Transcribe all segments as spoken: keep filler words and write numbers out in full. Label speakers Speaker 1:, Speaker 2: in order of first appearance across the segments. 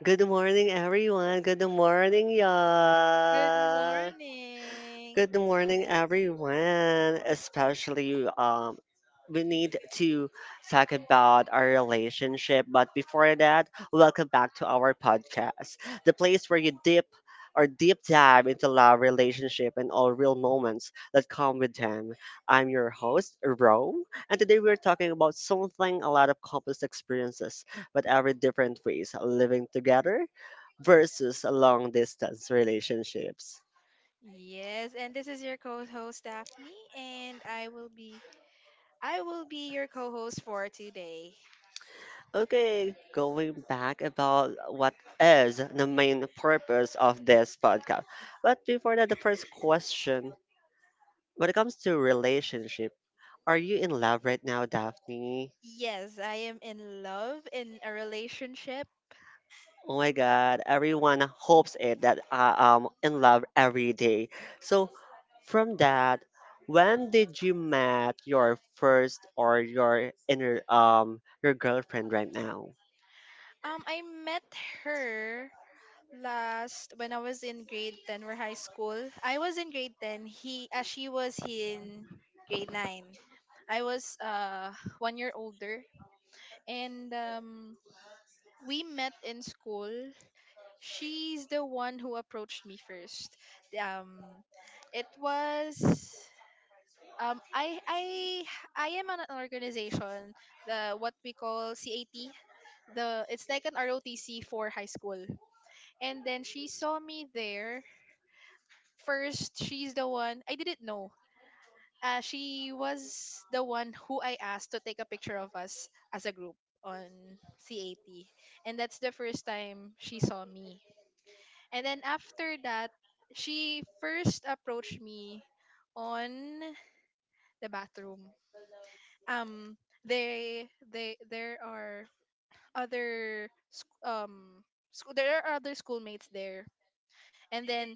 Speaker 1: Good morning, everyone. Good morning,
Speaker 2: Good
Speaker 1: y'all.
Speaker 2: morning.
Speaker 1: Good morning, everyone. Especially, um, we need to talk about our relationship. But before that, welcome back to our podcast, the place where you dip or deep dive into love, relationship, and all real moments that come with them. I'm your host, Rome, and today we're talking about something a lot of couples experiences, but every different ways living together versus long distance relationships.
Speaker 2: Yes, and this is your co-host Daphne, and I will be I will be your co-host for today.
Speaker 1: Okay, going back about what is the main purpose of this podcast. But before that, the first question when it comes to relationship, are you in love right now, Daphne?
Speaker 2: Yes, I am in love in a relationship.
Speaker 1: Oh my god, everyone hopes it that I am in love every day. So, from that, when did you met your first or your inner um your girlfriend right now?
Speaker 2: Um, I met her last when I was in grade ten or high school. I was in grade ten. He, uh, she was in grade nine. I was uh one year older, and um we met in school. She's the one who approached me first. Um, it was um I I I am an organization, the what we call CAT. The It's like an R O T C for high school. And then she saw me there. First, she's the one I didn't know. Uh, she was the one who I asked to take a picture of us as a group on CAT. And that's the first time she saw me. And then after that, she first approached me on the bathroom. Um, they they There are other sc- um school there are other schoolmates there, and then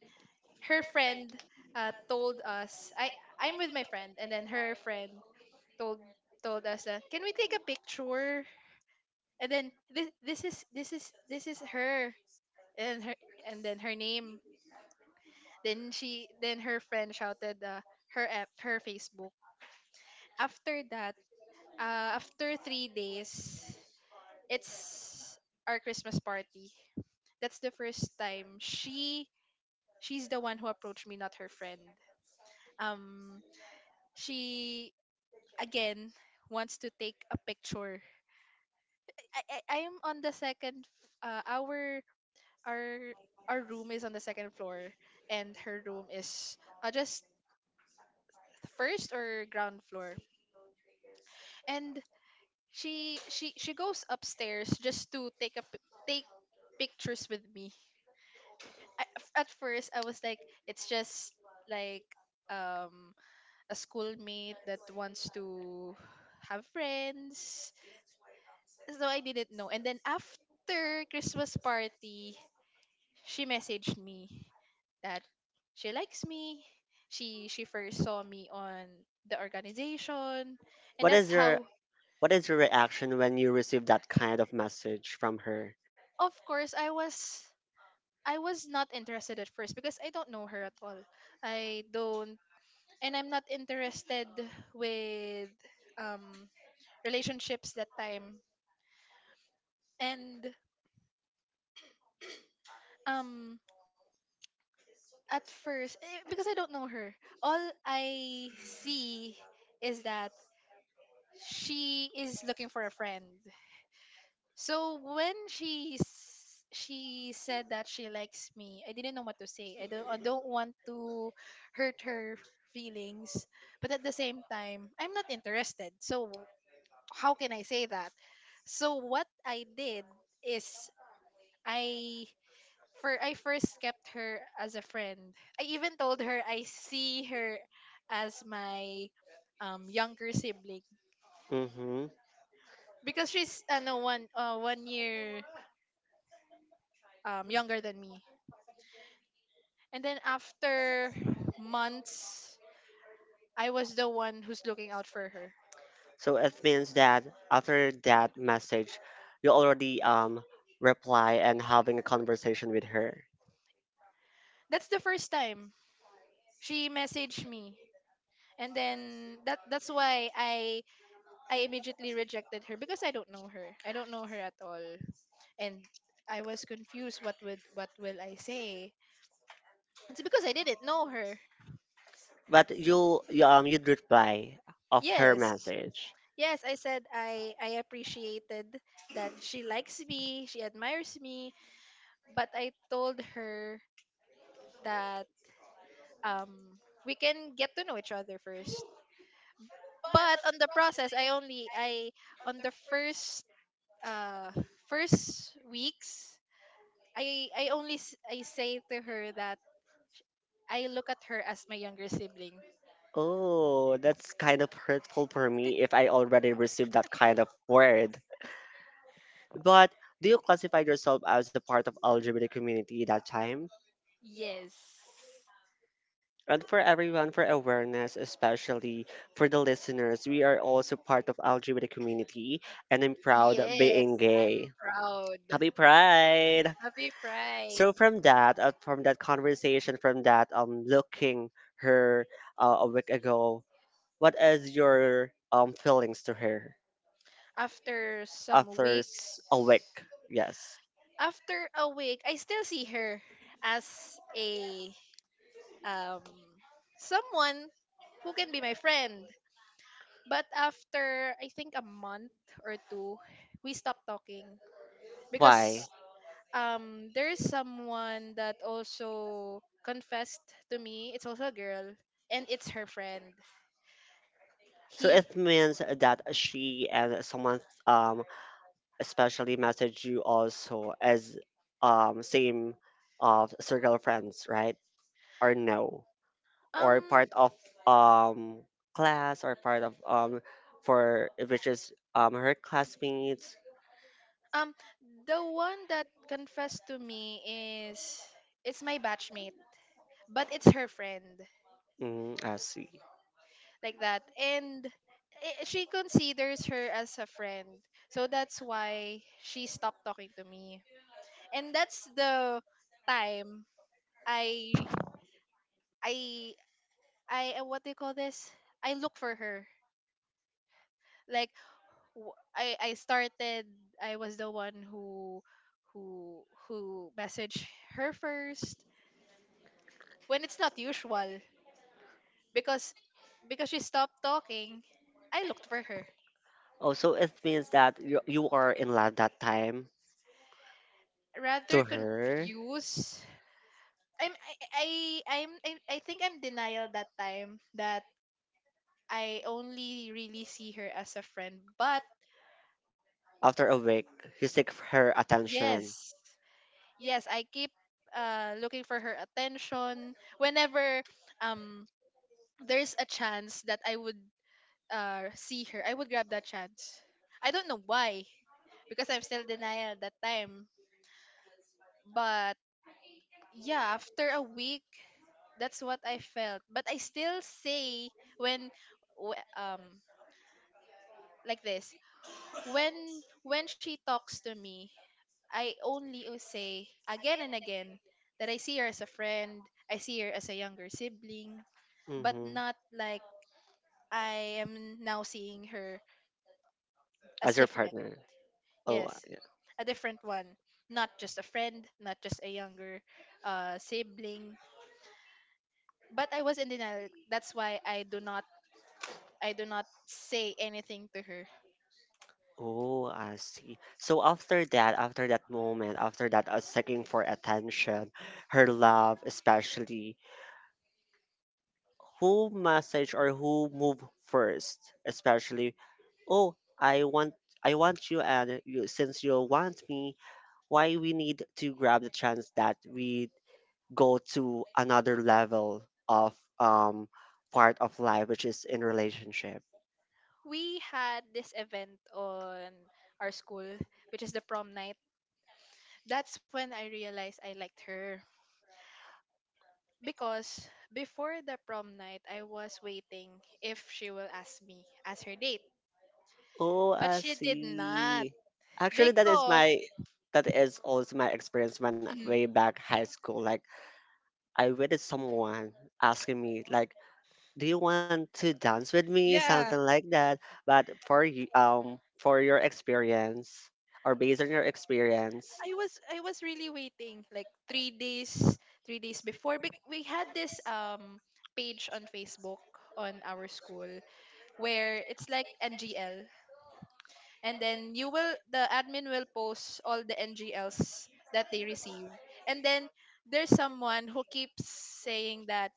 Speaker 2: her friend uh told us I I'm with my friend, and then her friend told told us that can we take a picture? And then this this is this is this is her and her, and then her name. Then she then her friend shouted, uh, her F, her Facebook. After that, uh, after three days, it's our Christmas party. That's the first time she she's the one who approached me, not her friend. Um, she again wants to take a picture. I, I I'm on the second. Uh, our our our room is on the second floor, and her room is uh, just first or ground floor. And she she she goes upstairs just to take a pic- take pictures with me. I, at first I was like it's just like um a schoolmate that wants to have friends. So I didn't know. And then after Christmas party, she messaged me that she likes me. She she first saw me on the organization, and
Speaker 1: What
Speaker 2: that's
Speaker 1: is your
Speaker 2: how.
Speaker 1: what is your reaction when you receive that kind of message from her?
Speaker 2: Of course I was I was not interested at first because I don't know her at all. I don't, and I'm not interested with um relationships that time. And um at first, eh, because I don't know her, all I see is that she is looking for a friend. So when she s- she said that she likes me, I didn't know what to say. I don't I don't want to hurt her feelings, but at the same time, I'm not interested. So how can I say that? So what I did is I for I first kept her as a friend. I even told her I see her as my um younger sibling
Speaker 1: Mm-hmm.
Speaker 2: because she's ano one uh, one year um younger than me. And then after months, I was the one who's looking out for her.
Speaker 1: So it means that after that message, you already um reply and having a conversation with her.
Speaker 2: That's the first time she messaged me. And then that that's why I I immediately rejected her because I don't know her. I don't know her at all. And I was confused, what would what will I say? It's because I didn't know her.
Speaker 1: But you, you um you'd reply of her
Speaker 2: Yes.
Speaker 1: message.
Speaker 2: Yes, I said I I appreciated that she likes me, she admires me, but I told her that um we can get to know each other first, but on the process, I only I on the first uh first weeks, i i only s- i say to her that, sh- I look at her as my younger sibling.
Speaker 1: Oh, that's kind of hurtful for me if I already received that kind of word. But do you classify yourself as a part of L G B T community that time?
Speaker 2: Yes,
Speaker 1: And for everyone for awareness, especially for the listeners, we are also part of L G B T community and I'm proud of
Speaker 2: yes,
Speaker 1: being
Speaker 2: I'm
Speaker 1: gay.
Speaker 2: proud.
Speaker 1: Happy Pride!
Speaker 2: Happy pride.
Speaker 1: So from that, uh, from that conversation, from that um looking her, uh, a week ago, what is your um feelings to her
Speaker 2: after some
Speaker 1: after
Speaker 2: weeks
Speaker 1: s- a week? Yes.
Speaker 2: After a week, I still see her as a, um someone who can be my friend. But after I think a month or two, we stopped talking
Speaker 1: Why?
Speaker 2: because um there's someone that also confessed to me. It's also a girl, and it's her friend.
Speaker 1: So
Speaker 2: He
Speaker 1: it means that she and someone um especially message you also as um same of circle of friends, right? Or no, or
Speaker 2: um
Speaker 1: part of um class or part of um for which is um her classmates.
Speaker 2: Um, the one that confessed to me is it's my batchmate, but it's her friend
Speaker 1: Mm, I see.
Speaker 2: like that, and i- she considers her as a friend, so that's why she stopped talking to me, and that's the time I I I uh, what do you call this? I look for her. Like, w- I I started. I was the one who who who messaged her first when it's not usual because, because she stopped talking. I looked for her.
Speaker 1: Also, it means that you you are in love that time
Speaker 2: Rather
Speaker 1: to her.
Speaker 2: confused, i'm i i I'm, I, I think I'm denial that time, that I only really see her as a friend, but
Speaker 1: After a week, you seek her attention.
Speaker 2: yes. Yes, I keep uh looking for her attention whenever, um there's a chance that I would uh see her, I would grab that chance. I don't know why, because I'm still denial that time. But yeah, after a week, that's what I felt, but I still say when, w- um like this, when when she talks to me, I only will say again and again that I see her as a friend, I see her as a younger sibling. But
Speaker 1: Hmm.
Speaker 2: not like I am now seeing her as
Speaker 1: As your
Speaker 2: different.
Speaker 1: partner. Oh,
Speaker 2: Yes,
Speaker 1: yeah.
Speaker 2: a different one, not just a friend, not just a younger uh sibling. But I was in denial. That's why I do not I do not say anything to her.
Speaker 1: Oh, I see. So after that, after that moment, after that, uh, seeking for attention, her love, especially, who message or who move first, especially, oh, I want, I want you, and you, since you want me, why we need to grab the chance that we go to another level of um part of life, which is in relationship.
Speaker 2: We had this event on our school, which is the prom night. That's when I realized I liked her, because before the prom night, I was waiting if she will ask me as her date,
Speaker 1: Oh,
Speaker 2: but
Speaker 1: I
Speaker 2: she did not
Speaker 1: see. Actually, that is
Speaker 2: because
Speaker 1: my that is also my experience when way
Speaker 2: Mhm.
Speaker 1: back high school. Like I waited someone asking me like, "Do you want to dance with me?" Something
Speaker 2: Yeah,
Speaker 1: like that. But for you, um, for your experience or based on your experience,
Speaker 2: I was I was really waiting like three days, three days before bec- we had this um page on Facebook on our school where it's like N G L, and then you will the admin will post all the N G Ls that they receive. And then there's someone who keeps saying that,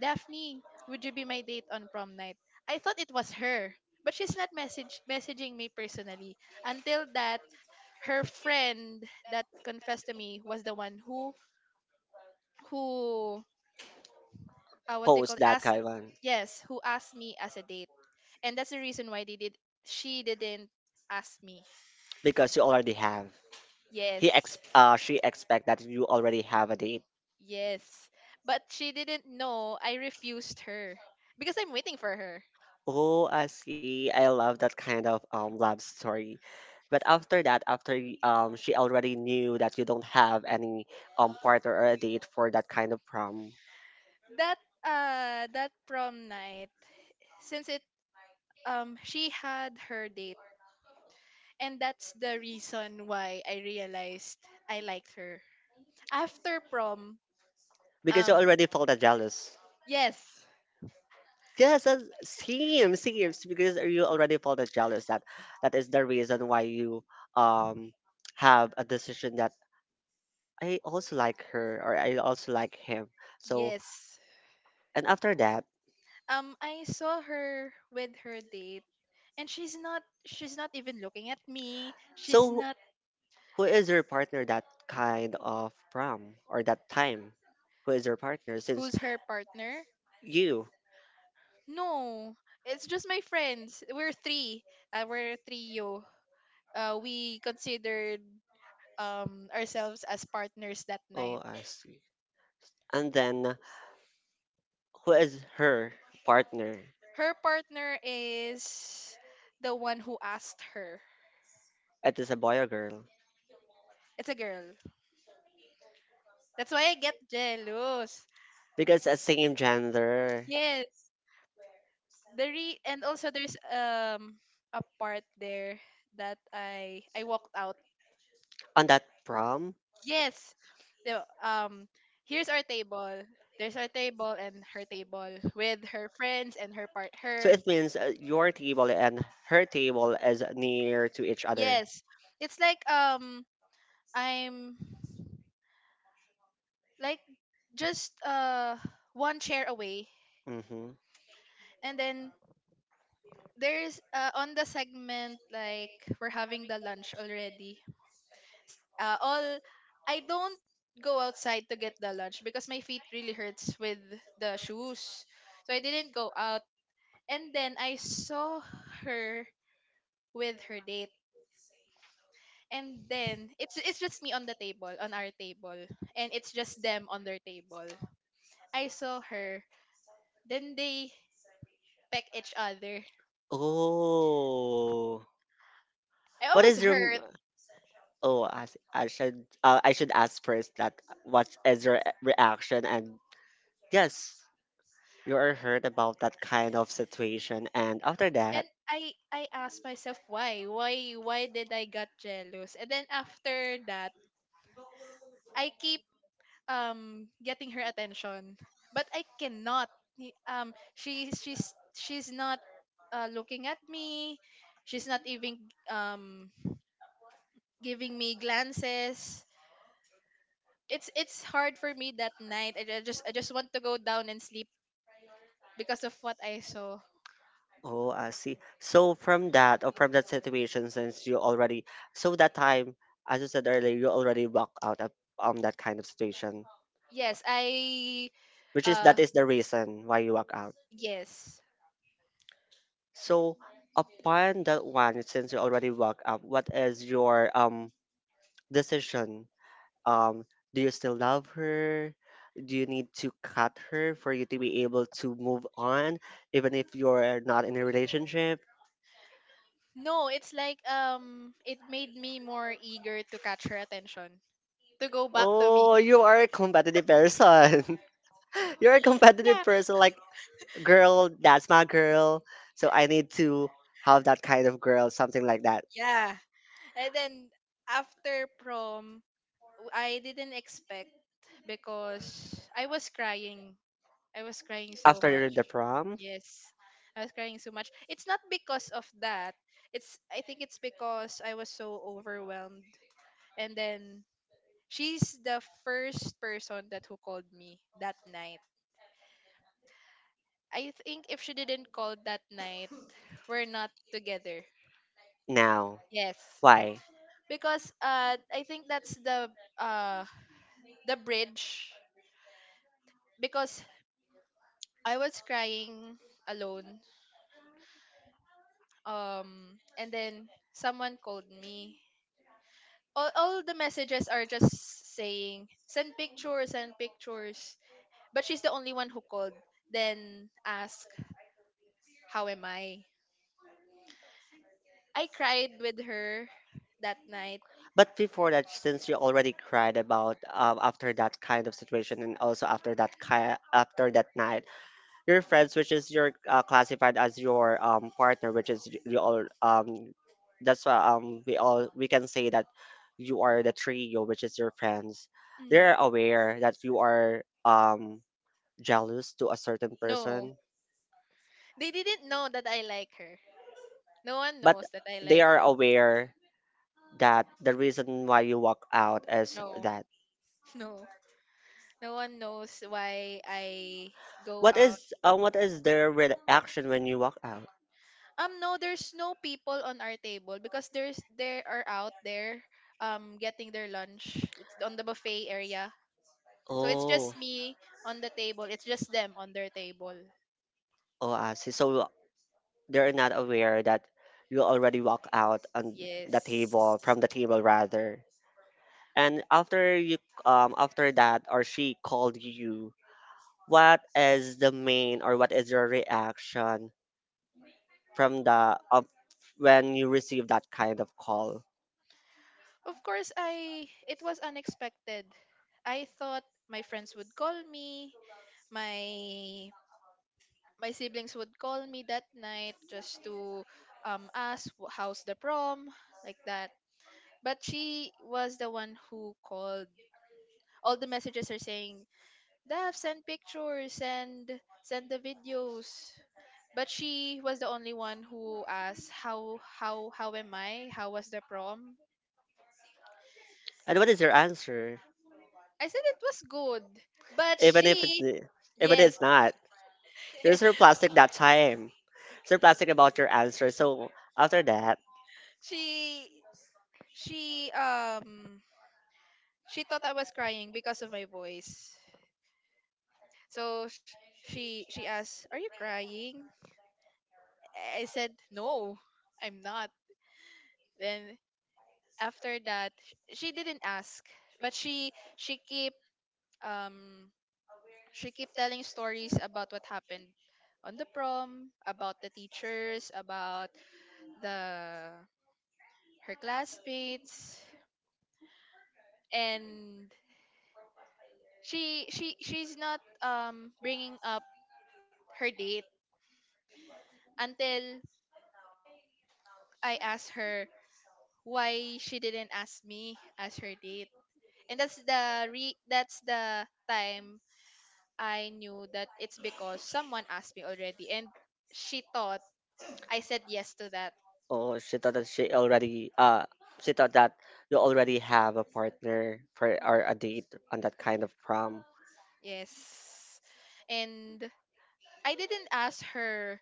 Speaker 2: "Daphne, would you be my date on prom night?" I thought it was her, but she's not message messaging me personally, until that her friend that confessed to me was the one who who uh, what they
Speaker 1: post
Speaker 2: call,
Speaker 1: that,
Speaker 2: asked.
Speaker 1: Kaivan.
Speaker 2: Yes, who asked me as a date, and that's the reason why they did she didn't ask me.
Speaker 1: Because you already have. He ex
Speaker 2: Yes,
Speaker 1: uh she expect that you already have a date.
Speaker 2: yes, but she didn't know I refused her because I'm waiting for her.
Speaker 1: Oh, I see. I love that kind of um love story. But after that, after y- um she already knew that you don't have any um partner or a date for that kind of prom
Speaker 2: That uh that prom night, since it um she had her date, and that's the reason why I realized I liked her. After prom,
Speaker 1: because you
Speaker 2: um
Speaker 1: already felt a jealous.
Speaker 2: yes,
Speaker 1: Yes, uh, same, same. Because you already felt as jealous that that is the reason why you um have a decision that I also like her or I also like him. So
Speaker 2: yes.
Speaker 1: and after that,
Speaker 2: Um I saw her with her date, and she's not she's not even looking at me. She's
Speaker 1: so
Speaker 2: not
Speaker 1: who is your partner that kind of prom or that time? Who is your partner? Since
Speaker 2: Who's her partner?
Speaker 1: you,
Speaker 2: No, it's just my friends. We're three. Uh, we're a trio. Uh, we considered um ourselves as partners that night.
Speaker 1: oh, I see. And then who is her partner.
Speaker 2: Her partner is the one who asked her.
Speaker 1: It is a boy or girl.
Speaker 2: It's a girl. That's why I get jealous.
Speaker 1: Because a same gender
Speaker 2: Yes. The re- and also there's um a part there that I I walked out.
Speaker 1: on that prom.
Speaker 2: Yes. The um Here's our table. There's our table and her table with her friends and her part
Speaker 1: So
Speaker 2: her.
Speaker 1: it means, uh, your table and her table is near to each other.
Speaker 2: Yes. It's like um I'm like just uh one chair away,
Speaker 1: Mm-hmm.
Speaker 2: and then there's, uh, on the segment, like, we're having the lunch already. S- Uh, all I don't go outside to get the lunch because my feet really hurts with the shoes. So I didn't go out, and then I saw her with her date. And then it's it's just me on the table, on our table, and it's just them on their table. I saw her. Then they peck each other.
Speaker 1: Oh.
Speaker 2: I
Speaker 1: What
Speaker 2: was
Speaker 1: is your
Speaker 2: hurt.
Speaker 1: oh I see. I should, uh, I should ask first that what is your reaction and yes you are heard about that kind of situation and after that
Speaker 2: and I I asked myself, why why why did I got jealous? And then after that, I keep um getting her attention, but I cannot. Ni- um she she's she's not uh, looking at me, she's not even um giving me glances. It's it's hard for me that night, I ju- I just I just want to go down and sleep because of what I saw.
Speaker 1: oh I see so from that or from that situation since you already so that time as you said earlier you already walked out of um that kind of situation
Speaker 2: Yes, I
Speaker 1: which is
Speaker 2: uh
Speaker 1: that is the reason why you walk out
Speaker 2: yes.
Speaker 1: so upon that one, since you already woke up, what is your um decision? Um, do you still love her? Do you need to cut her for you to be able to move on, even if you're not in a relationship?
Speaker 2: No, it's like, um it made me more eager to catch her attention, to go back to me.
Speaker 1: Oh, you are a competitive person. You're a
Speaker 2: Yeah.
Speaker 1: competitive person, like girl, that's my girl. So I need to have that kind of girl, something like that.
Speaker 2: Yeah. And then after prom, w- I didn't expect because I was crying. I was crying so
Speaker 1: After
Speaker 2: much.
Speaker 1: the prom?
Speaker 2: Yes. I was crying so much. It's not because of that. It's I think it's because I was so overwhelmed. And then she's the first person that who called me that night. I think if she didn't call that night, we're not together.
Speaker 1: Now.
Speaker 2: Yes.
Speaker 1: Why?
Speaker 2: because uh I think that's the, uh the bridge, because I was crying alone, um and then someone called me. All, all the messages are just saying, "Send pictures, send pictures," but she's the only one who called. Then ask, how am I? I cried with her that night.
Speaker 1: But before that, since you already cried about, um, after that kind of situation and also after that ki- after that night, your friends, which is your, uh, classified as your um partner, which is y- you all um that's why um we all we can say that you are the trio, which is your friends.
Speaker 2: Mm.
Speaker 1: They're aware that you are um jealous to a certain
Speaker 2: No,
Speaker 1: person,
Speaker 2: they didn't know that I like her. No one
Speaker 1: but
Speaker 2: knows that I
Speaker 1: they
Speaker 2: like
Speaker 1: are
Speaker 2: her.
Speaker 1: aware that the reason why you walk out is
Speaker 2: No,
Speaker 1: that
Speaker 2: no, no one knows why I go
Speaker 1: What
Speaker 2: out.
Speaker 1: is um what is their reaction when you walk out?
Speaker 2: Um, no, there's no people on our table because there's they are out there, um, getting their lunch. It's on the buffet area, so it's just
Speaker 1: Oh,
Speaker 2: me on the table. It's just them on their table.
Speaker 1: oh, I see. So they're not aware that you already walk out on the table
Speaker 2: Yes.
Speaker 1: from the table rather. And after you um after that or she called you, what is the main or what is your reaction from the of when you receive that kind of call?
Speaker 2: Of course, I it was unexpected. I thought my friends would call me, my my siblings would call me that night just to um ask, "Wh- how's the prom like that. But she was the one who called. All the messages are saying, "Daph, send pictures, send send the videos." But she was the only one who asked, "How how how am I? How was the prom?"
Speaker 1: And what is your answer?
Speaker 2: I said it was good. But
Speaker 1: Even if it's
Speaker 2: she...
Speaker 1: even
Speaker 2: Yes.
Speaker 1: it's not.
Speaker 2: Yeah.
Speaker 1: You're surplastic that time. Surplastic about your answer. So after that,
Speaker 2: She she um she thought I was crying because of my voice. So sh- she she asked, "Are you crying?" I said, "No, I'm not." Then after that, sh- she didn't ask, but she she keep um she keep telling stories about what happened on the prom, about the teachers, about the her classmates, and she she she's not um bringing up her date until I asked her why she didn't ask me as her date. And that's the re that's the time I knew that it's because someone asked me already and she thought I said yes to that.
Speaker 1: oh, she thought that she already uh she thought that you already have a partner for
Speaker 2: Mm,
Speaker 1: or a date on that kind of prom.
Speaker 2: yes. And I didn't ask her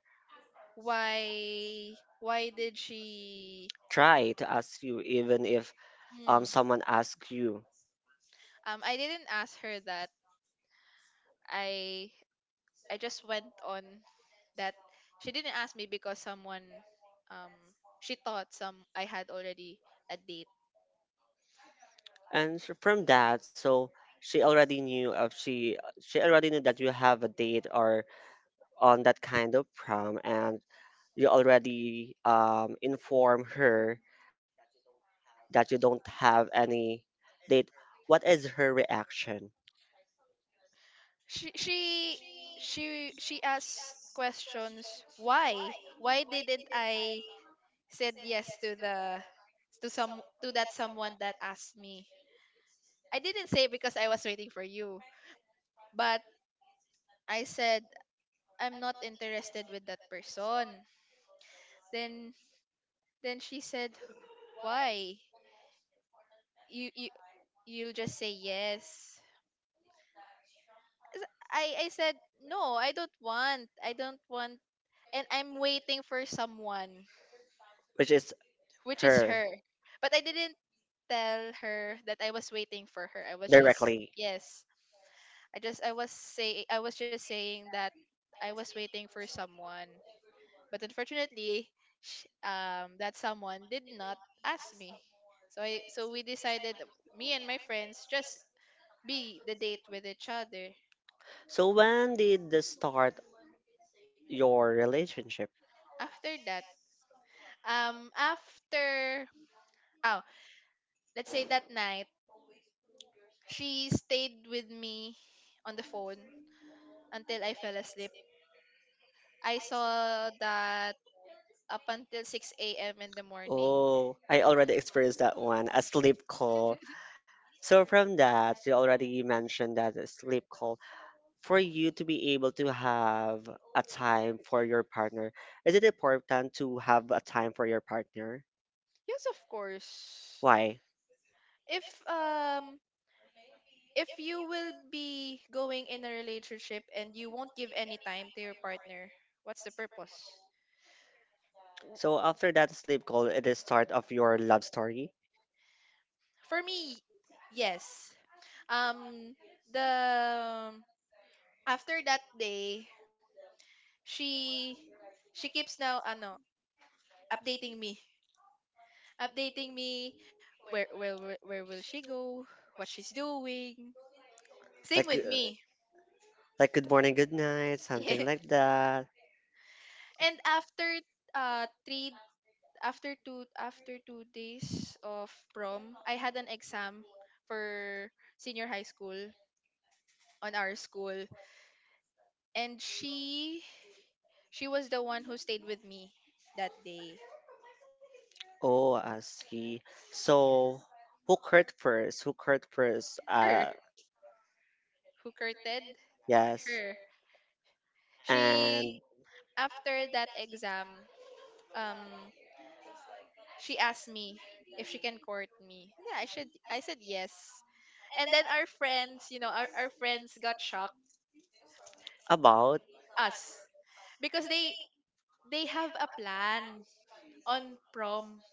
Speaker 2: why why did she...
Speaker 1: Try to ask you even if
Speaker 2: Hmm.
Speaker 1: um someone asks you.
Speaker 2: Um, I didn't ask her that. I I just went on that she didn't ask me because someone um she thought some I had already a date.
Speaker 1: And so from that, so she already knew if she she already knew that you have a date or on that kind of prom and you already, um, inform her that you don't have any date, what is her reaction?
Speaker 2: She she she she asked questions, why? Why didn't I said yes to the to some to that someone that asked me? I didn't say because I was waiting for you, but I said I'm not interested with that person. Then then she said, "Why? You you you'll just say yes." S- I I said, "No, I don't want. I don't want." And I'm waiting for someone,
Speaker 1: Which is
Speaker 2: which is
Speaker 1: her
Speaker 2: her. But I didn't tell her that I was waiting for her. I was just
Speaker 1: directly.
Speaker 2: yes. I just I was say I was just saying that I was waiting for someone. But unfortunately, sh um, that someone did not ask me. So I so we decided me and my friends just be the date with each other.
Speaker 1: So when did this start your relationship?
Speaker 2: After that, um after oh let's say that night she stayed with me on the phone until I fell asleep. I saw that up until six a.m in the morning.
Speaker 1: Oh, I already experienced that one, a sleep call. So from that, you already mentioned that a sleep call. For you to be able to have a time for your partner, is it important to have a time for your partner?
Speaker 2: Yes, of course.
Speaker 1: Why?
Speaker 2: if um if you will be going in a relationship and you won't give any time to your partner, what's the purpose?
Speaker 1: So after that sleep call, it is start of your love story.
Speaker 2: For me, yes. Um the After that day, she she keeps now ano, updating me. Updating me where where where where will she go, what she's doing. Same
Speaker 1: Like
Speaker 2: with
Speaker 1: uh,
Speaker 2: me.
Speaker 1: like good morning, good night,
Speaker 2: Yeah.
Speaker 1: something like that.
Speaker 2: And after uh three after two after two days of prom, I had an exam for senior high school on our school, and she she was the one who stayed with me that day.
Speaker 1: Oh, I see. So who hurt first? Who hurt first? Uh
Speaker 2: Her, who curted
Speaker 1: Yes.
Speaker 2: her.
Speaker 1: And
Speaker 2: She, after that exam, um, she asked me if she can court me. And yeah, I should. I said yes. And then our friends, you know, our, our friends got shocked
Speaker 1: about
Speaker 2: us, because they they have a plan on prom,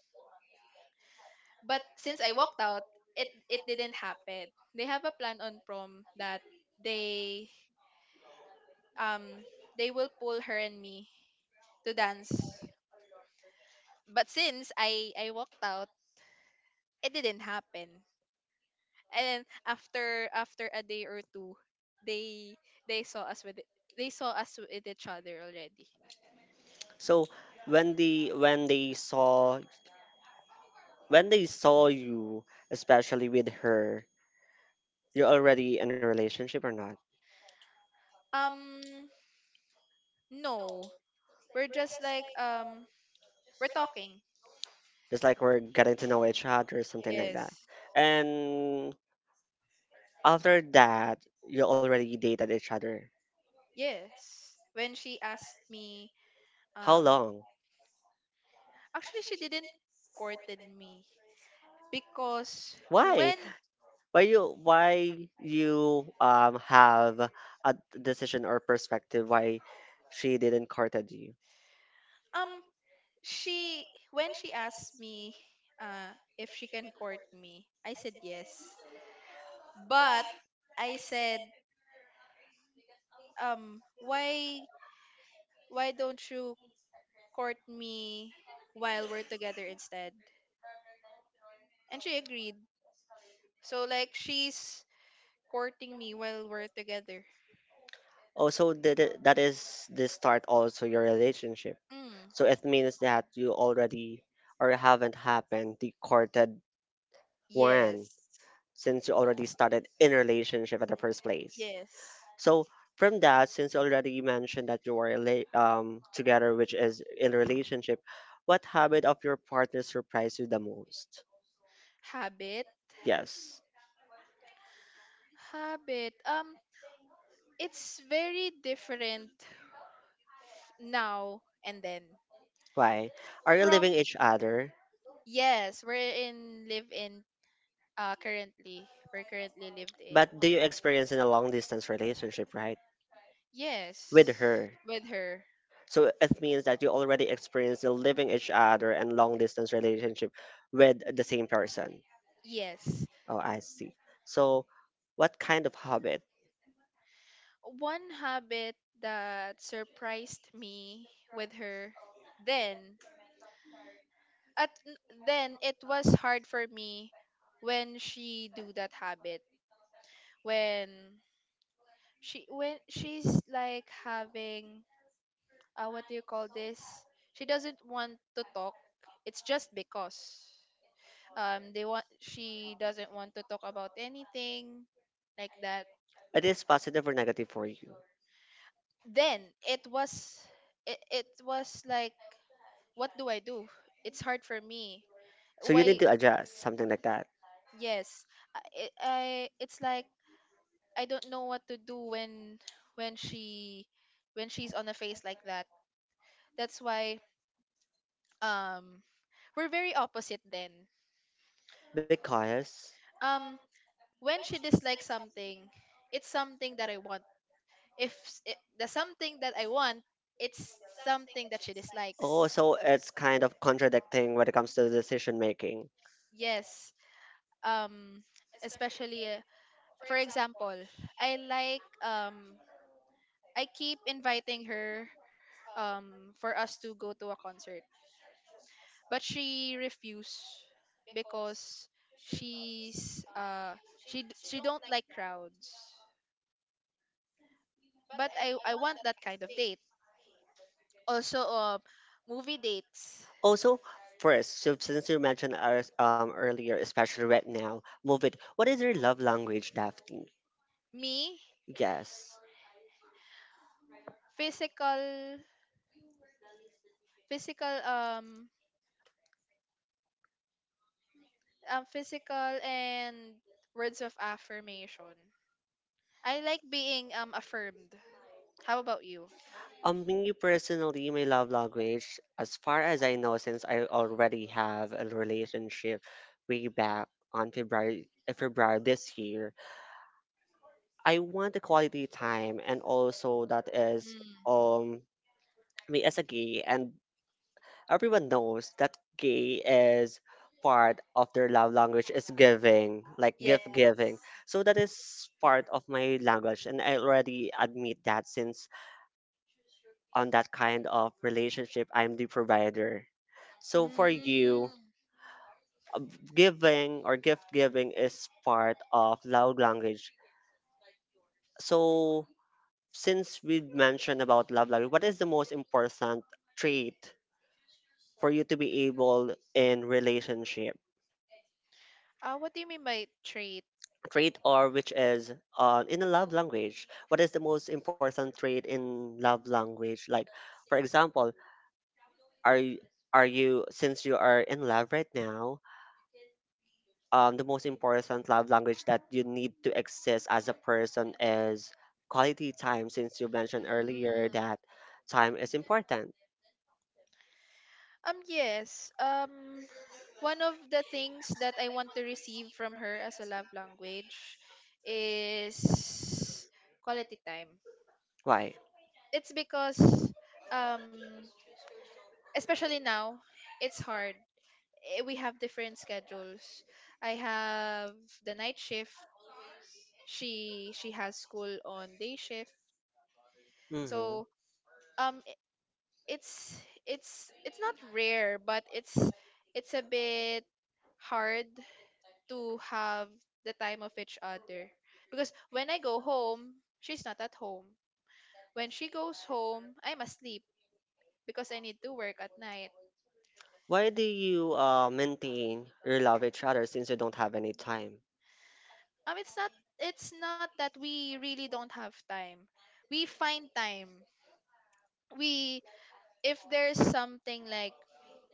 Speaker 2: but since I walked out, it it didn't happen. They have a plan on prom that they um they will pull her and me to dance, but since i I walked out, it didn't happen. And then after after a day or two, they they saw us with they saw us with each other already.
Speaker 1: so when the when they saw when they saw you, especially with her, you're already in a relationship or not?
Speaker 2: um no, we're just like um we're talking.
Speaker 1: Just like we're getting to know each other or something like that.
Speaker 2: Yes.
Speaker 1: And after that, you already dated each other.
Speaker 2: Yes, when she asked me,
Speaker 1: How
Speaker 2: um,
Speaker 1: long?
Speaker 2: actually she didn't courted me, because when
Speaker 1: Why? Why you why you um have a decision or perspective why she didn't courted you?
Speaker 2: um she when she asked me uh if she can court me, I said yes. But I said um why why don't you court me while we're together instead? And she agreed. So like she's courting me while we're together.
Speaker 1: Also, that i- that is the start also your relationship.
Speaker 2: Mm.
Speaker 1: So it means that you already or haven't happened the courted one
Speaker 2: Yes.
Speaker 1: since you already started in a relationship at the first place.
Speaker 2: Yes.
Speaker 1: So from that, since you already mentioned that you were rela- um, together, which is in a relationship, what habit of your partner surprised you the most?
Speaker 2: Habit.
Speaker 1: Yes.
Speaker 2: Habit. Um, it's very different f- now and then.
Speaker 1: Why? Are you leaving
Speaker 2: From...
Speaker 1: each other?
Speaker 2: yes, we're in live in uh currently. We're currently lived in.
Speaker 1: But do you experience in a long distance relationship, right? With
Speaker 2: Yes,
Speaker 1: her.
Speaker 2: with her.
Speaker 1: So it means that you already experienced the living each other and long distance relationship with the same person.
Speaker 2: Yes.
Speaker 1: Oh, I see. So what kind of habit?
Speaker 2: One habit that surprised me with her then at n- then it was hard for me when she do that habit, when she when she's like having, uh, what do you call this, she doesn't want to talk. It's just because um they want she doesn't want to talk about anything like that.
Speaker 1: It is positive or negative for you.
Speaker 2: Then it was it, it was like, what do I do? It's hard for me.
Speaker 1: So you need
Speaker 2: Why?
Speaker 1: to adjust something like that.
Speaker 2: Yes. I, I I- it's like I don't know what to do when when she when she's on a phase like that. That's why um we're very opposite then.
Speaker 1: Because
Speaker 2: Um, when she dislikes something, it's something that I want. If s- it, the something that I want, it's something that she dislikes.
Speaker 1: oh, so it's kind of contradicting when it comes to decision making.
Speaker 2: Yes. Um, especially, uh, for example, I like, um, I keep inviting her um for us to go to a concert, but she refused because she's uh she d- she don't like crowds, but i I want that kind of date, also um, movie dates.
Speaker 1: Also, first, so since you mentioned ours, um, earlier, especially right now, move it. What is your love language, Daphne?
Speaker 2: Me?
Speaker 1: Yes.
Speaker 2: physical Physical, um um physical and words of affirmation. I like being um affirmed. How about you?
Speaker 1: Um, me personally, my love language, as far as I know, since I already have a relationship way back on February, uh, February this year, I want a quality time, and also that is
Speaker 2: Mm.
Speaker 1: um me as a gay, and everyone knows that gay is part of their love language is giving, like
Speaker 2: Yeah.
Speaker 1: gift giving. So that is part of my language, and I already admit that since on that kind of relationship, I'm the provider. So for you,
Speaker 2: Mm.
Speaker 1: giving or gift giving is part of love language. So since we mentioned about love life, what is the most important trait for you to be able in relationship?
Speaker 2: Uh, what do you mean by trait?
Speaker 1: Trait or which is, uh, in a love language. What is the most important trait in love language? Like, for example, are you, are you since you are in love right now? Um, the most important love language that you need to exist as a person is quality time, since you mentioned earlier
Speaker 2: Mm.
Speaker 1: that time is important.
Speaker 2: Um, yes. Um, one of the things that I want to receive from her as a love language is quality time.
Speaker 1: Why?
Speaker 2: It's because, um, especially now, it's hard. Eh, we have different schedules. I have the night shift. She she has school on day shift.
Speaker 1: Hmm.
Speaker 2: So, um, it's it's it's not rare, but it's it's a bit hard to have the time of each other, because when I go home she's not at home, when she goes home I'm asleep, because I need to work at night.
Speaker 1: Why do you, uh, maintain your love each other since you don't have any time?
Speaker 2: Um, it's not, it's not that we really don't have time. We find time. We, if there's something like,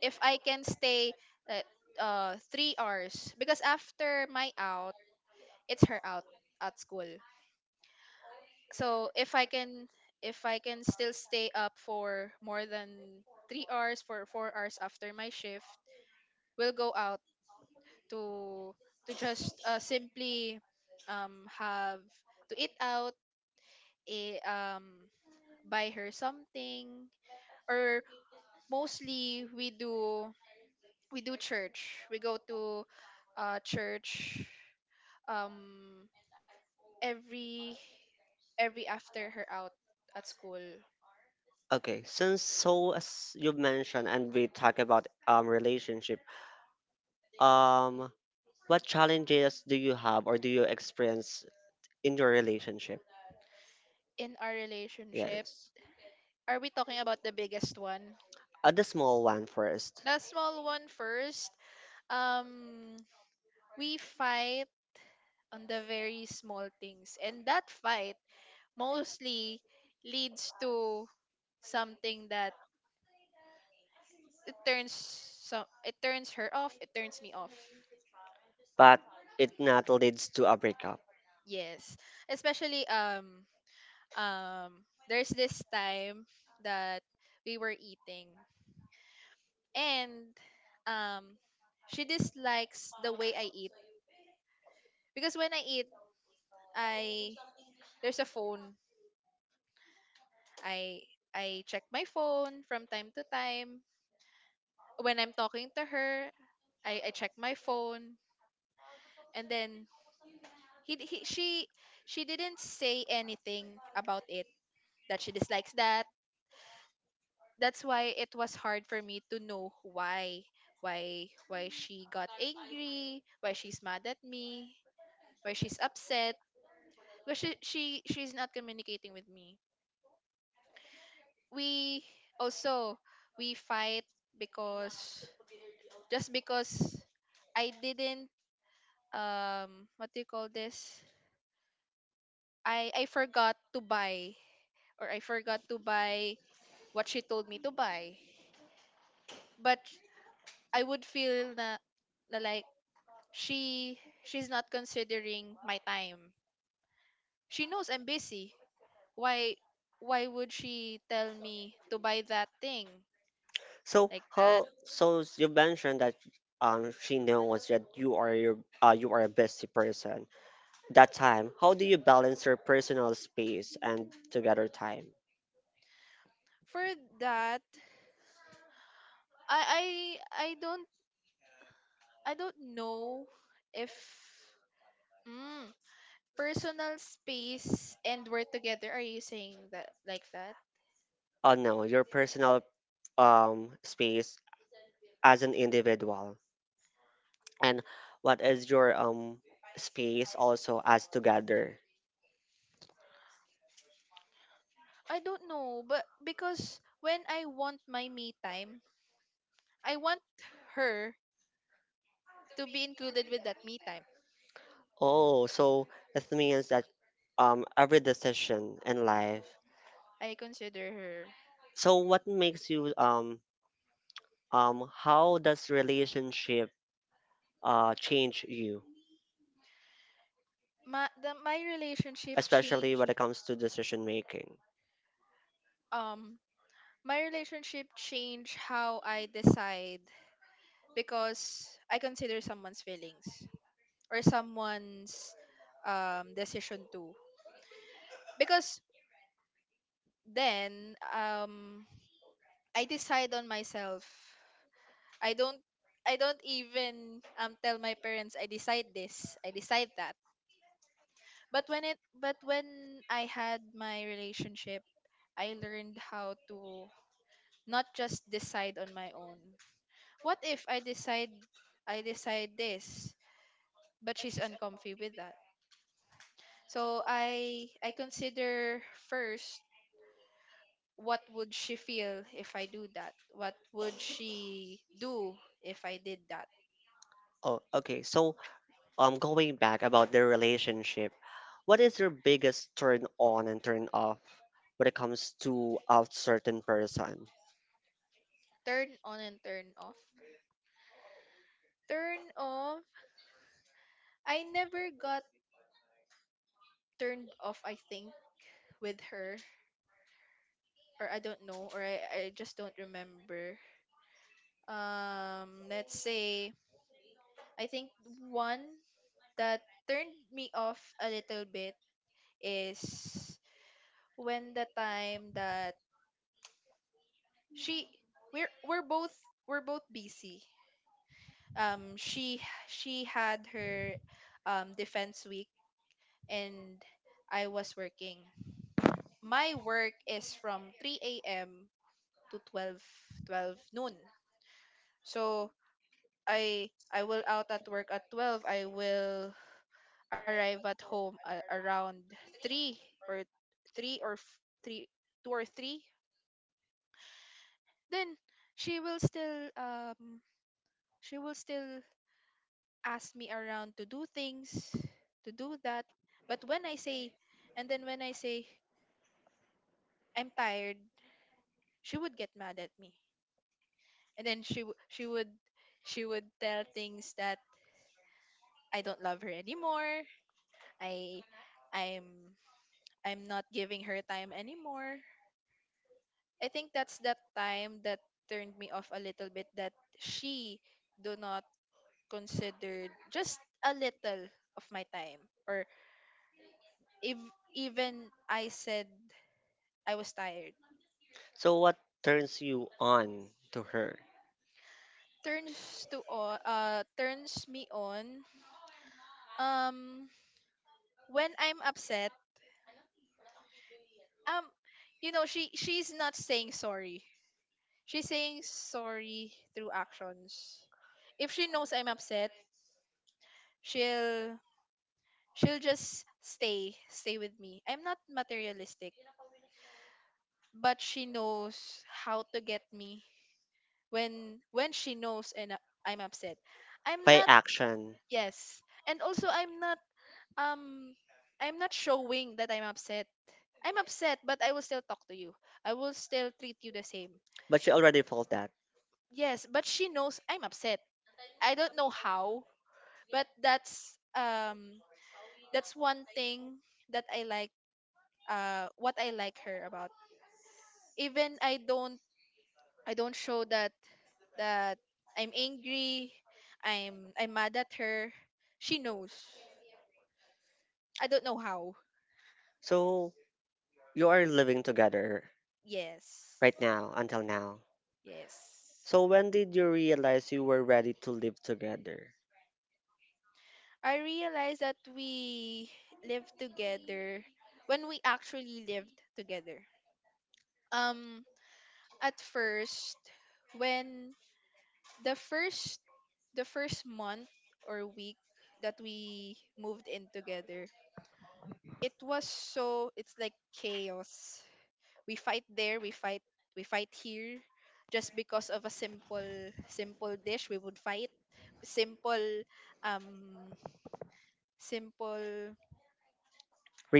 Speaker 2: if I can stay uh, uh three hours, because after my out it's her out at school. So if I can, if I can still stay up for more than three hours for four hours after my shift, we'll go out to to just, uh, simply, um, have to eat out, eh, um, buy her something, or mostly we do, we do church, we go to uh church, um, every every after her out at school.
Speaker 1: Okay, since so as you mentioned and we talk about um relationship, um, what challenges do you have or do you experience in your relationship?
Speaker 2: In our relationship?
Speaker 1: Yes.
Speaker 2: Are we talking about the biggest one?
Speaker 1: Uh, the small one first,
Speaker 2: The small one first. Um, we fight on the very small things, and that fight mostly leads to something that, it turns, some it turns her off, it turns me off.
Speaker 1: but it not leads to a breakup.
Speaker 2: Yes. Especially um um there's this time that we were eating, and, um, she dislikes the way I eat, because when I eat, I there's a phone. I I check my phone from time to time. When I'm talking to her, I I check my phone, and then he, he she she didn't say anything about it, that she dislikes that. That's why it was hard for me to know why, why why she got angry, why she's mad at me, why she's upset, because she, she she's not communicating with me. We also, we fight because, just because I didn't um what do you call this, i I forgot to buy, or I forgot to buy what she told me to buy. But I would feel na na like, she she's not considering my time. She knows I'm busy. Why why would she tell me to buy that thing
Speaker 1: So
Speaker 2: like that?
Speaker 1: how? So you mentioned that um she knows that you are your, uh, you are a busy person. That time, how do you balance your personal space and together time?
Speaker 2: For that, I I I don't, I don't know if, mm, personal space and we're together. Are you saying that like that?
Speaker 1: Oh no, your personal um space as an individual, and what is your um space also as together?
Speaker 2: I don't know, but because when I want my me time, I want her to be included with that me time.
Speaker 1: Oh, so it means that um every decision in life.
Speaker 2: I consider her.
Speaker 1: So what makes you um um how does relationship uh change you,
Speaker 2: My the, my relationship
Speaker 1: especially when
Speaker 2: changed.
Speaker 1: it comes to decision making?
Speaker 2: Um, my relationship changed how I decide, because I consider someone's feelings, or someone's um decision too. Because then, um, I decide on myself. I don't I don't even um tell my parents I decide this, I decide that. But when it but when I had my relationship, I learned how to not just decide on my own. What if I decide, I decide this, but she's uncomfy with that? So I I consider first, what would she feel if I do that? What would she do if I did that?
Speaker 1: Oh, okay. So um going back about their relationship, what is your biggest turn on and turn off when it comes to a certain person?
Speaker 2: Turn on and turn off. Turn off. I never got turned off, I think, with her. Or I don't know, or I, I just don't remember. Um, let's say I think one that turned me off a little bit is when the time that she we're we're both, we're both busy. Um, she she had her um defense week, and I was working. My work is from three a m to twelve twelve noon. So I I will out at work at twelve, I will arrive at home a around 3 or 3 or f- 3 2 or three. Then she will still um, she will still ask me around to do things, to do that. But when I say, and then when I say I'm tired, she would get mad at me. And then she w- she would, she would tell things that I don't love her anymore. I I'm I'm not giving her time anymore. I think that's that time that turned me off a little bit that she do not consider just a little of my time, or if even I said I was tired.
Speaker 1: So what turns you on to her?
Speaker 2: Turns to on uh turns me on um when I'm upset, um you know she she's not saying sorry, she's saying sorry through actions. If she knows I'm upset, she'll she'll just stay stay with me. I'm not materialistic, but she knows how to get me when when she knows. And uh, I'm upset, I'm
Speaker 1: By
Speaker 2: not.
Speaker 1: action,
Speaker 2: Yes, and also I'm not, um I'm not showing that I'm upset. I'm upset, but I will still talk to you, I will still treat you the same.
Speaker 1: but you already felt that.
Speaker 2: Yes, but she knows I'm upset. I don't know how. But that's, um that's one thing that I like. Uh what I like her about, even I don't, I don't show that, that I'm angry, I'm I'm mad at her. She knows. I don't know how.
Speaker 1: So you are living together
Speaker 2: Yes.
Speaker 1: right now until now.
Speaker 2: Yes.
Speaker 1: So when did you realize you were ready to live together?
Speaker 2: I realized that we lived together when we actually lived together. Um at first, when, the first, the first month or week that we moved in together, it was so, it's like chaos. We fight there, we fight, we fight here, just because of a simple, simple dish we would fight. Simple, um simple,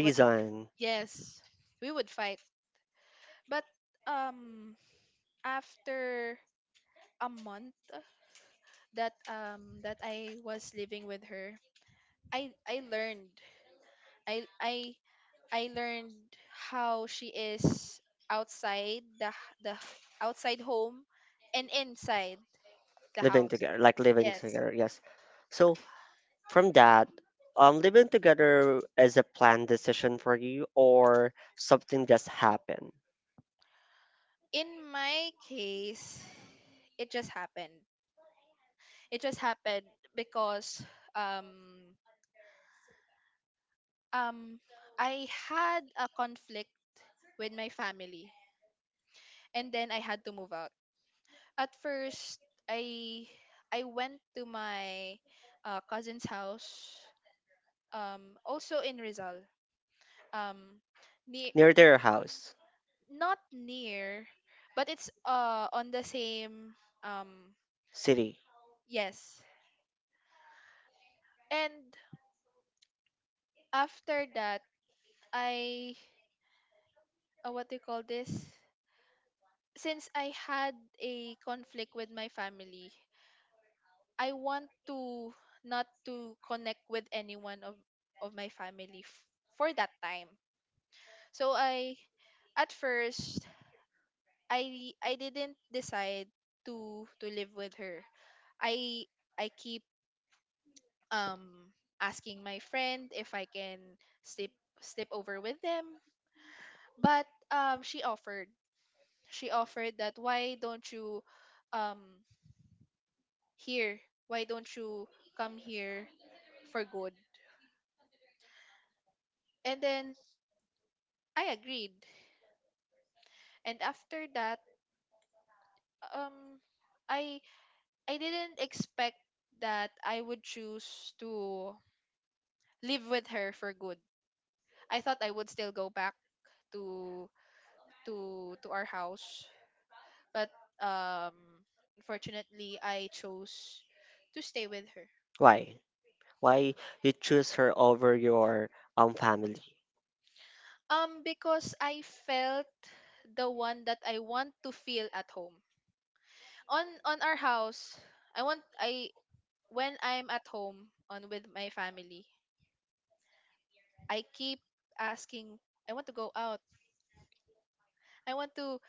Speaker 2: what it, yes, we would fight. But, um after a month that um that I was living with her, I I learned, I I I learned how she is outside the h- the h- outside home and inside the
Speaker 1: Living
Speaker 2: house.
Speaker 1: together, like living
Speaker 2: Yes.
Speaker 1: together, yes. So from that, um living together is a planned decision for you or something just happened?
Speaker 2: In my case, it just happened. It just happened because, um um I had a conflict with my family, and then I had to move out. At first, I I went to my uh, cousin's house, um also in Rizal, um near,
Speaker 1: Near their house.
Speaker 2: not near, but it's uh on the same, um
Speaker 1: City.
Speaker 2: yes. And after that, I, uh, what do you call this, since I had a conflict with my family, I want to not to connect with anyone of of my family, f- for that time. So I, at first, i i didn't decide to to live with her. i i keep um asking my friend if I can sleep, sleep over with them. But, um she offered. She offered that, why don't you, um here? Why don't you come here for good? And then I agreed. And after that, um I I didn't expect that I would choose to live with her for good. I thought I would still go back to, to to our house, but, um unfortunately I chose to stay with her.
Speaker 1: why why you choose her over your um family?
Speaker 2: Um because I felt the one that I want to feel at home. On on our house, I want, I, when I'm at home on with my family, I keep asking, I want to go out. I want to,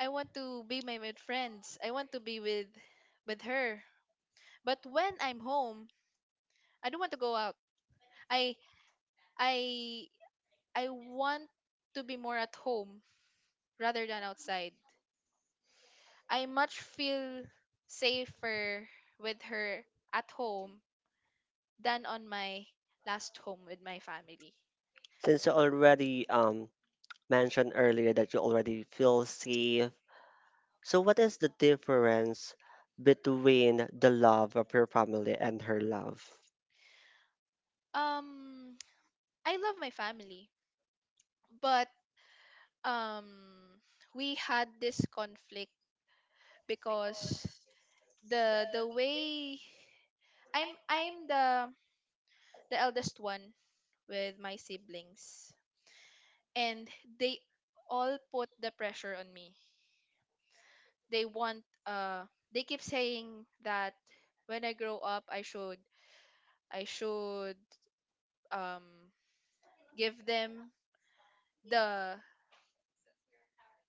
Speaker 2: I want to be my with friends. I want to be with with her. But when I'm home, I don't want to go out. I I I want to be more at home rather than outside. I much feel safer with her at home than on my last home with my family.
Speaker 1: Since you already um mentioned earlier that you already feel safe, so what is the difference between the love of your family and her love?
Speaker 2: Um, I love my family, but, um, we had this conflict because the the way I'm I'm the the eldest one with my siblings, and they all put the pressure on me. They want, uh they keep saying that when I grow up I should, I should, um give them the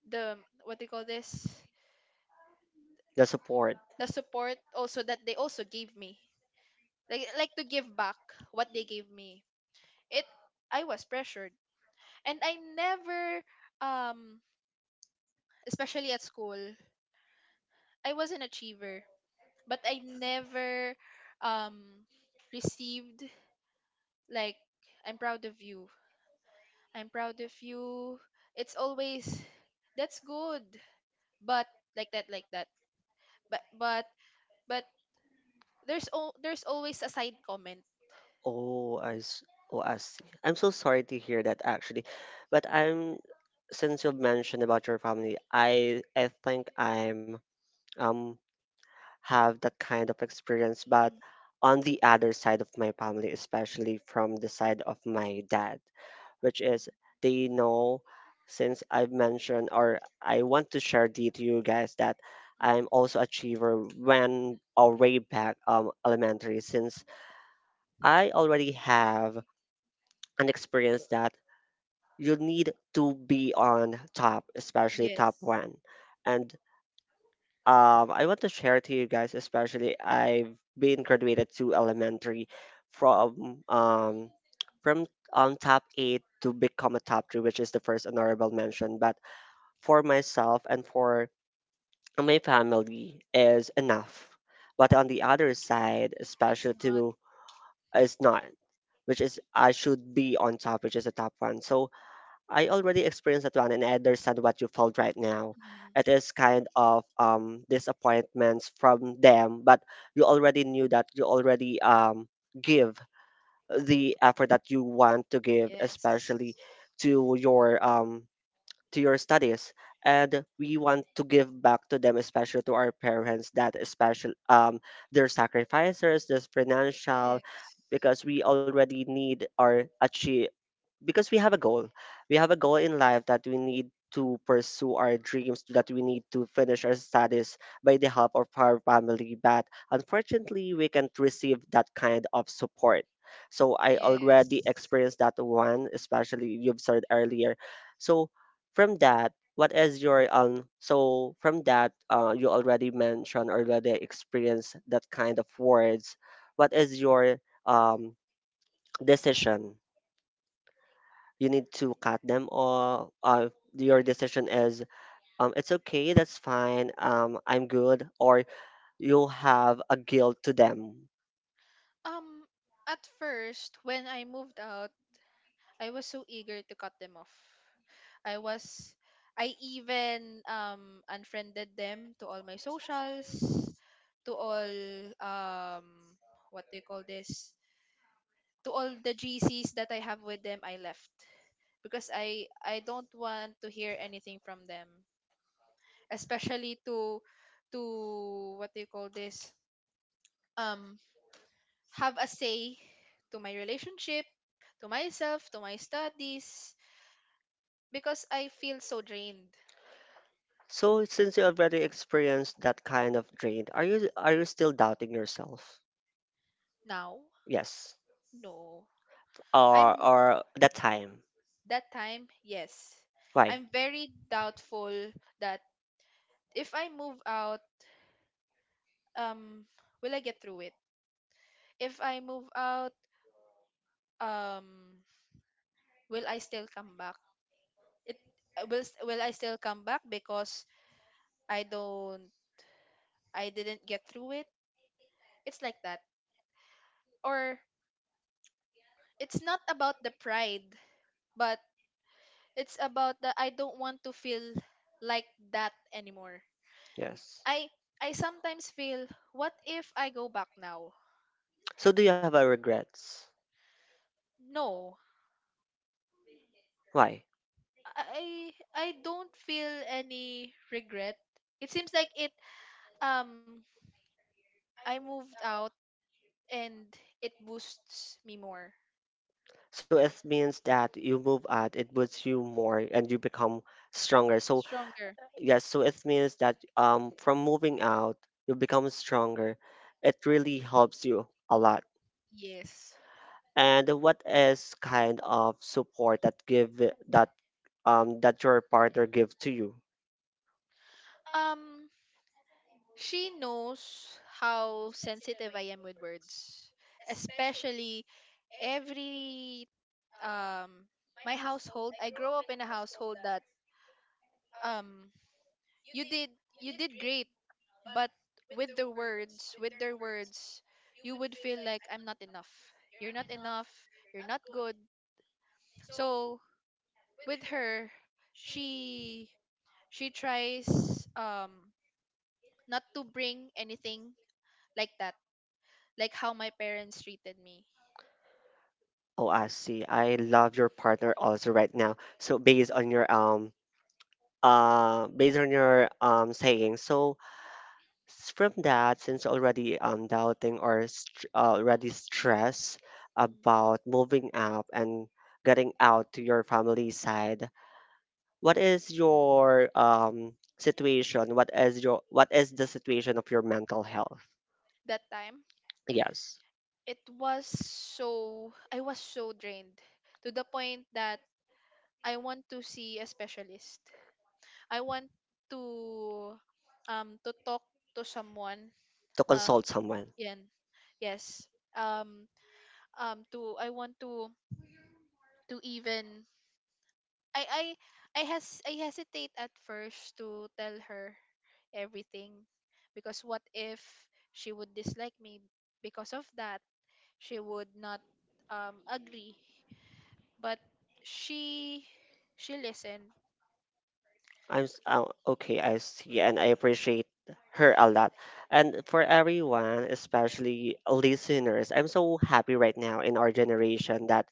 Speaker 2: the what do you call this,
Speaker 1: The support.
Speaker 2: the support also that they also gave me, like like to give back what they gave me. It, I was pressured, and I never, um especially at school I was an achiever, but I never, um received, like, I'm proud of you, I'm proud of you. It's always, that's good. But like that, like that. But but but there's all, there's always a side comment.
Speaker 1: Oh, I s- oh, I see. I'm so sorry to hear that actually. But I'm, since you've mentioned about your family, I I think I'm um have that kind of experience, but
Speaker 2: Mhm,
Speaker 1: on the other side of my family, especially from the side of my dad, which is they know, since I've mentioned, or I want to share the to you guys that
Speaker 2: mhm.
Speaker 1: I'm also achiever when, or way back um elementary, since I already have and experience that you need to be on top, especially
Speaker 2: Yes,
Speaker 1: top one. And um, I want to share to you guys, especially I've been graduated to elementary from um from um top eight to become a top three, which is the first honorable mention. But for myself and for my family is enough. But on the other side,
Speaker 2: it's
Speaker 1: especially
Speaker 2: not.
Speaker 1: to is not, which is I should be on top, which is a top one. So I already experienced that one and I understand what you felt right now.
Speaker 2: Mhm.
Speaker 1: It is kind of um disappointments from them, but you already knew that you already um give the effort that you want to give,
Speaker 2: Yes.
Speaker 1: especially to your um to your studies. And we want to give back to them, especially to our parents, that especially um their sacrifices, their financial,
Speaker 2: Yes.
Speaker 1: because we already need our achieve, because we have a goal, we have a goal in life that we need to pursue our dreams, that we need to finish our studies by the help of our family. But unfortunately, we can't receive that kind of support. So I
Speaker 2: Yes.
Speaker 1: already experienced that one, especially you've said earlier. So from that, what is your um? So from that, uh, you already mentioned already experienced that kind of words. What is your um decision, you need to cut them off, uh, your decision is um, it's okay, that's fine, um, I'm good, or you'll have a guilt to them.
Speaker 2: Um, at first, when I moved out, I was so eager to cut them off. I was, I even um unfriended them to all my socials, to all, um what do you call this? To all the G Cs that I have with them, I left because I I don't want to hear anything from them, especially to to what do you call this? Um, have a say to my relationship, to myself, to my studies, because I feel so drained.
Speaker 1: So since you already experienced that kind of drain, are you, are you still doubting yourself?
Speaker 2: Now,
Speaker 1: Yes.
Speaker 2: no.
Speaker 1: Or
Speaker 2: I'm,
Speaker 1: or that time.
Speaker 2: that time, yes.
Speaker 1: Why?
Speaker 2: I'm very doubtful that if I move out, um, will I get through it? If I move out, um, will I still come back? It, uh, will s- will I still come back because I don't, I didn't get through it? It's like that. Or, it's not about the pride, but it's about the, I don't want to feel like that anymore.
Speaker 1: Yes.
Speaker 2: I I sometimes feel, what if I go back now?
Speaker 1: So do you have a regrets?
Speaker 2: No.
Speaker 1: Why?
Speaker 2: I I don't feel any regret. It seems like it, um I moved out and it boosts me more.
Speaker 1: So it means that you move out, it boosts you more and you become stronger. So
Speaker 2: Stronger.
Speaker 1: yes, so it means that um from moving out, you become stronger. It really helps you a lot.
Speaker 2: Yes.
Speaker 1: And what is kind of support that give it- that um that your partner give to you?
Speaker 2: Um, she knows how sensitive I am with words, especially every, um my household, I grew up in a household that, um you did, you did great, but with the words, with their words you would feel like, I'm not enough, you're not enough, you're not good. So with her, she she tries, um not to bring anything like that, like how my parents treated me.
Speaker 1: Oh, I see. I love your partner also right now. So based on your um uh based on your um saying, so s- from that since already um doubting or st- already stressed
Speaker 2: Mm.
Speaker 1: about moving up and getting out to your family side, what is your um situation, what is your, what is the situation of your mental health?
Speaker 2: That time
Speaker 1: Yes.
Speaker 2: it was so, I was so drained, to the point that I want to see a specialist. I want to, um to talk to someone.
Speaker 1: To
Speaker 2: uh
Speaker 1: consult someone.
Speaker 2: Yan, yes. um um to, I want to to even, I I I has I hesitate at first to tell her everything, because what if she would dislike me because of that, she would not um agree. But she she listened.
Speaker 1: I'm s- oh, okay, I see, and I appreciate her a lot. And for everyone, especially listeners, I'm so happy right now in our generation that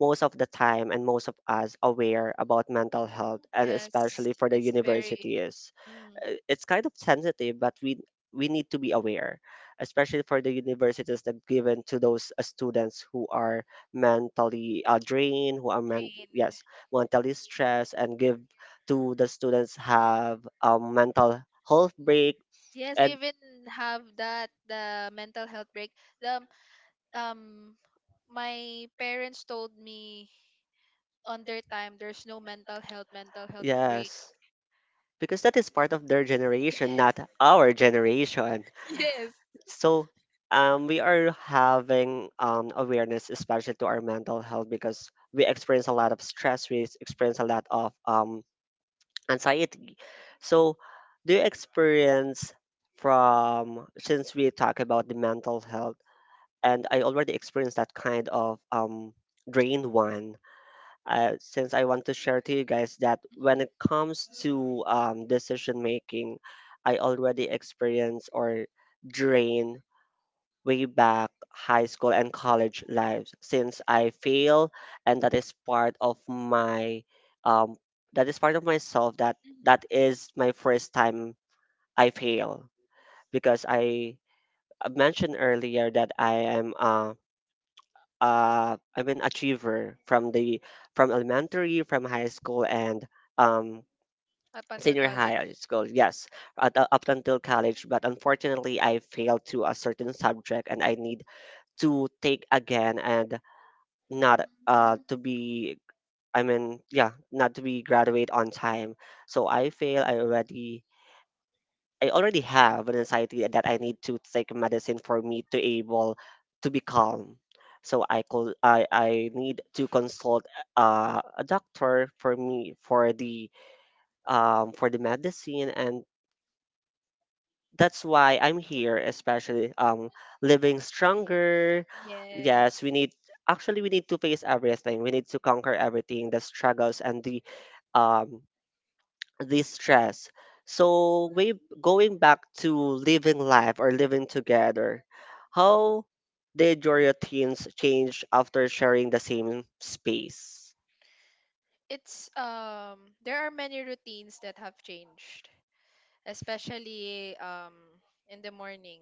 Speaker 1: most of the time and most of us aware about mental health and
Speaker 2: Yes,
Speaker 1: especially for the
Speaker 2: it's very,
Speaker 1: universities.
Speaker 2: mm,
Speaker 1: Uh, It's kind of sensitive, but we we need to be aware, especially for the universities that given to those uh, students who are mentally uh, drained, who are men.
Speaker 2: trained.
Speaker 1: Yes, mentally stressed and give to the students have a mental health break.
Speaker 2: Yes, we
Speaker 1: And
Speaker 2: even have that the mental health break. The, um my parents told me on their time there's no mental health, mental health break.
Speaker 1: yes, because that is part of their generation, not our generation.
Speaker 2: Yes.
Speaker 1: So, um, we are having um, awareness, especially to our mental health, because we experience a lot of stress, we s- experience a lot of um, anxiety. So, do you experience from, since we talk about the mental health, and I already experienced that kind of um, drain one. Uh, since I want to share to you guys that when
Speaker 2: Mhm.
Speaker 1: it comes to um, decision making, I already experienced or drain way back high school and college lives since I fail, and that is part of my um, that is part of myself, that
Speaker 2: Mhm.
Speaker 1: that is my first time I fail because I mentioned earlier that I am uh, uh I'm an achiever from the from elementary, from high school and um
Speaker 2: Up until
Speaker 1: senior
Speaker 2: college.
Speaker 1: high school. Yes, at, uh, up until college, but unfortunately I failed to a certain subject and I need to take again and not uh
Speaker 2: Mm.
Speaker 1: to be, I mean, yeah, not to be graduate on time. So I fail. I already I already have an anxiety that I need to take medicine for me to able to be calm. So I call I, I need to consult uh, a doctor for me for the um, for the medicine and that's why I'm here, especially um, living stronger. Yes, we
Speaker 2: Yes.
Speaker 1: need, actually we need to face everything. We need to conquer everything, the struggles and the um, the stress. So we going back to living life or living together. How did your routines change after sharing the same space?
Speaker 2: It's, um there are many routines that have changed, especially, um in the morning.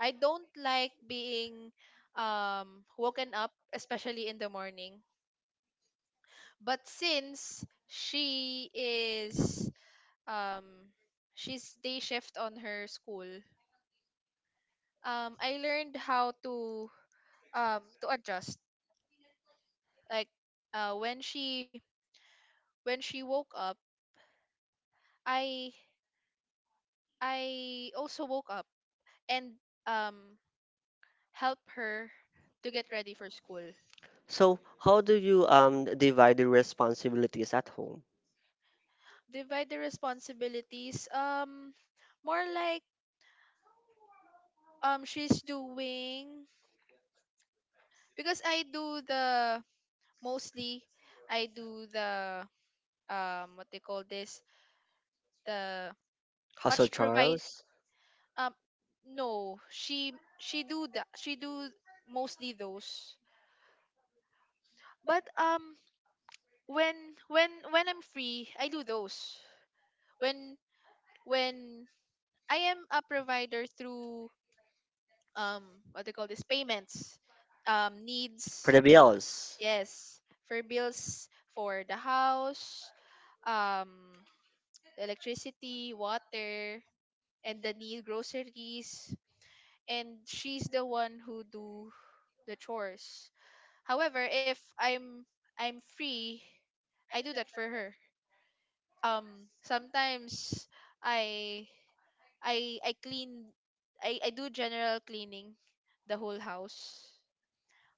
Speaker 2: I don't like being um woken up, especially in the morning. But since she is, um she's day shift on her school, um I learned how to, um to adjust. Like, uh when she, when she woke up, I I also woke up and, um help her to get ready for school.
Speaker 1: So how do you um divide the responsibilities at home?
Speaker 2: Divide the responsibilities. Um, more like, um she's doing, because I do the, mostly I do the, um what they call this, the,
Speaker 1: Hustle
Speaker 2: much provide,
Speaker 1: Charles.
Speaker 2: um no, she, she do the, she do mostly those. But, um when, when when I'm free I do those. when when I am a provider through, um what they call this, payments, um
Speaker 1: For
Speaker 2: needs,
Speaker 1: the bills.
Speaker 2: yes, for bills, for the house, um the electricity, water, and the need groceries, and she's the one who do the chores. However, if I'm, I'm free, I do that for her. Um, sometimes I I I clean, I I do general cleaning the whole house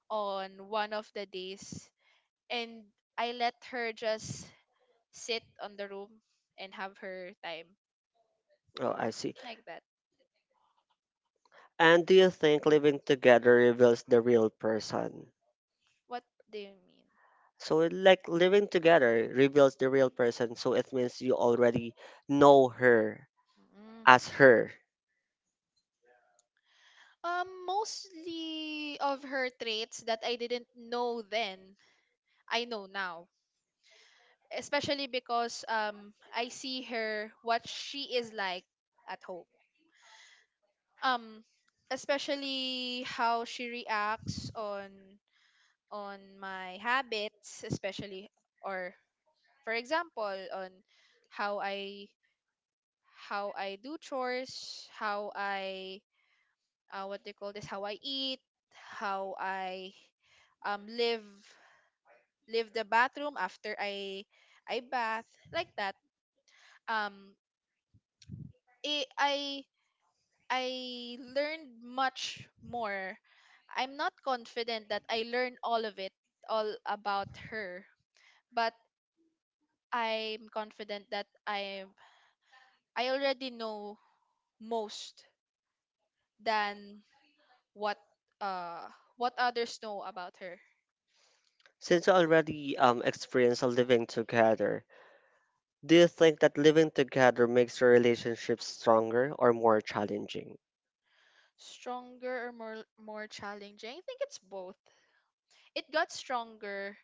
Speaker 2: on one of the days, and I let her just sit on the room and have her time.
Speaker 1: Oh, I see.
Speaker 2: Like that.
Speaker 1: And do you think living together reveals the real person?
Speaker 2: What do you mean?
Speaker 1: So like living together reveals the real person, so it means you already know her
Speaker 2: Mm.
Speaker 1: as her.
Speaker 2: Um, mostly of her traits that I didn't know then, I know now. Especially because, um, I see her what she is like at home. um Especially how she reacts on on my habits, especially, or, for example, on how I, how I do chores, how I, uh, what they call this, how I eat, how I, um live, live the bathroom after i i bath, like that. Um i i I learned much more. I'm not confident that I learned all of it, all about her, but I'm confident that I I already know most than what, uh what others know about her.
Speaker 1: Since you already um experienced living together, do you think that living together makes your relationship stronger or more challenging?
Speaker 2: Stronger or more more challenging? I think it's both. It got stronger.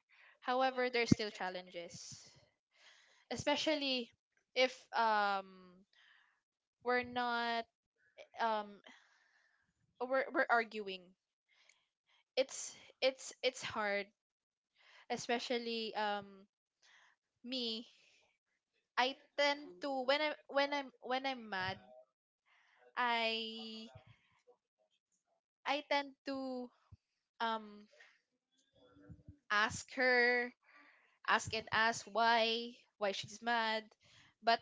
Speaker 2: However, there's still challenges, especially if, um we're not, um we're we're arguing. It's, it's it's hard, especially, um me. I tend to, when I, when I'm when I'm mad, I I tend to, um ask her, ask and ask why why she's mad, but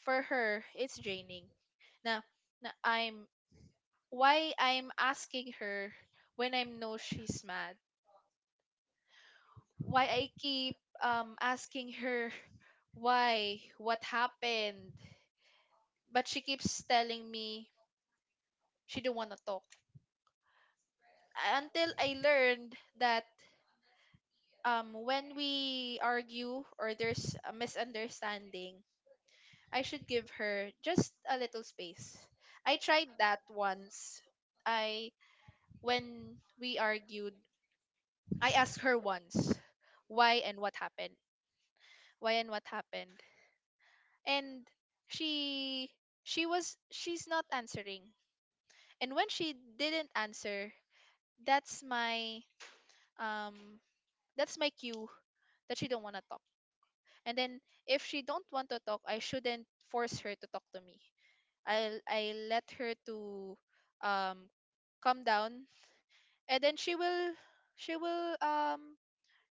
Speaker 2: for her it's draining. Now, now I'm, why I'm asking her when I know she's mad. Why I keep um asking her, why, what happened, but she keeps telling me she don't want to talk, until I learned that, um when we argue or there's a misunderstanding, I should give her just a little space. I tried that once. I, when we argued, I asked her once, why and what happened. Why and what happened? And she she was, she's not answering. And when she didn't answer, that's my, um that's my cue that she don't want to talk. And then if she don't want to talk, I shouldn't force her to talk to me. I'll I let her to um calm down, and then she will she will um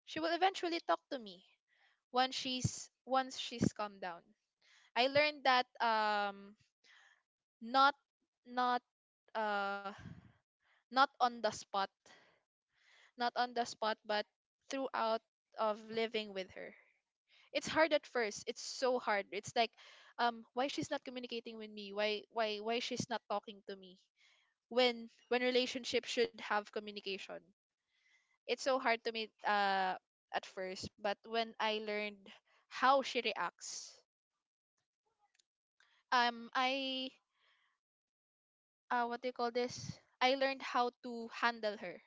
Speaker 2: she will eventually talk to me once she's once she's calmed down. I learned that um not not uh not on the spot, not on the spot but throughout of living with her. It's hard at first. It's so hard. It's like, um why she's not communicating with me, why why why she's not talking to me, when when relationship should have communication. It's so hard to me, uh at first, but when I learned how she reacts, um I uh what do you call this, I learned how to handle her.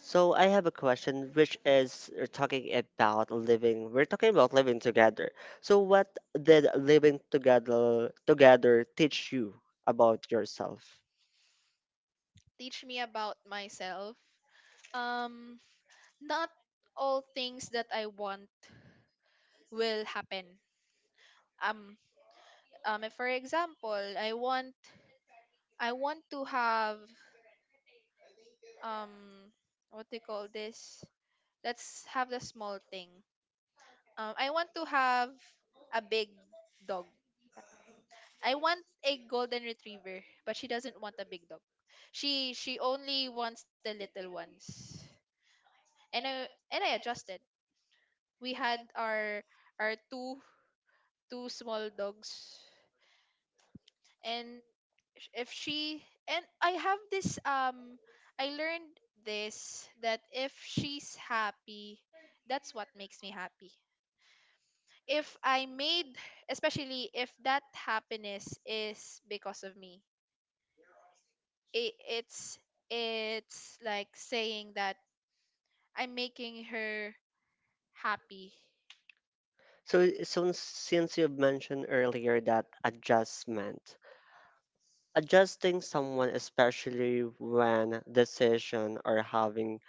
Speaker 1: So I have a question, which is we're talking about living, we're talking about living together. So what did living together, together teach you about yourself?
Speaker 2: Teach me about myself. um Not all things that I want will happen. Um um if for example I want, I want to have um what do you call this, let's have the small thing. um I want to have a big dog. I want a golden retriever, but she doesn't want a big dog. She she only wants the little ones, and i and i adjusted. We had our our two two small dogs. And sh- if she and I have this, um I learned this, that if she's happy, that's what makes me happy. If I made, especially if that happiness is because of me, It, it's it's like saying that I'm making her happy.
Speaker 1: So, I- since since you've mentioned earlier that adjustment, adjusting someone, especially when decision or having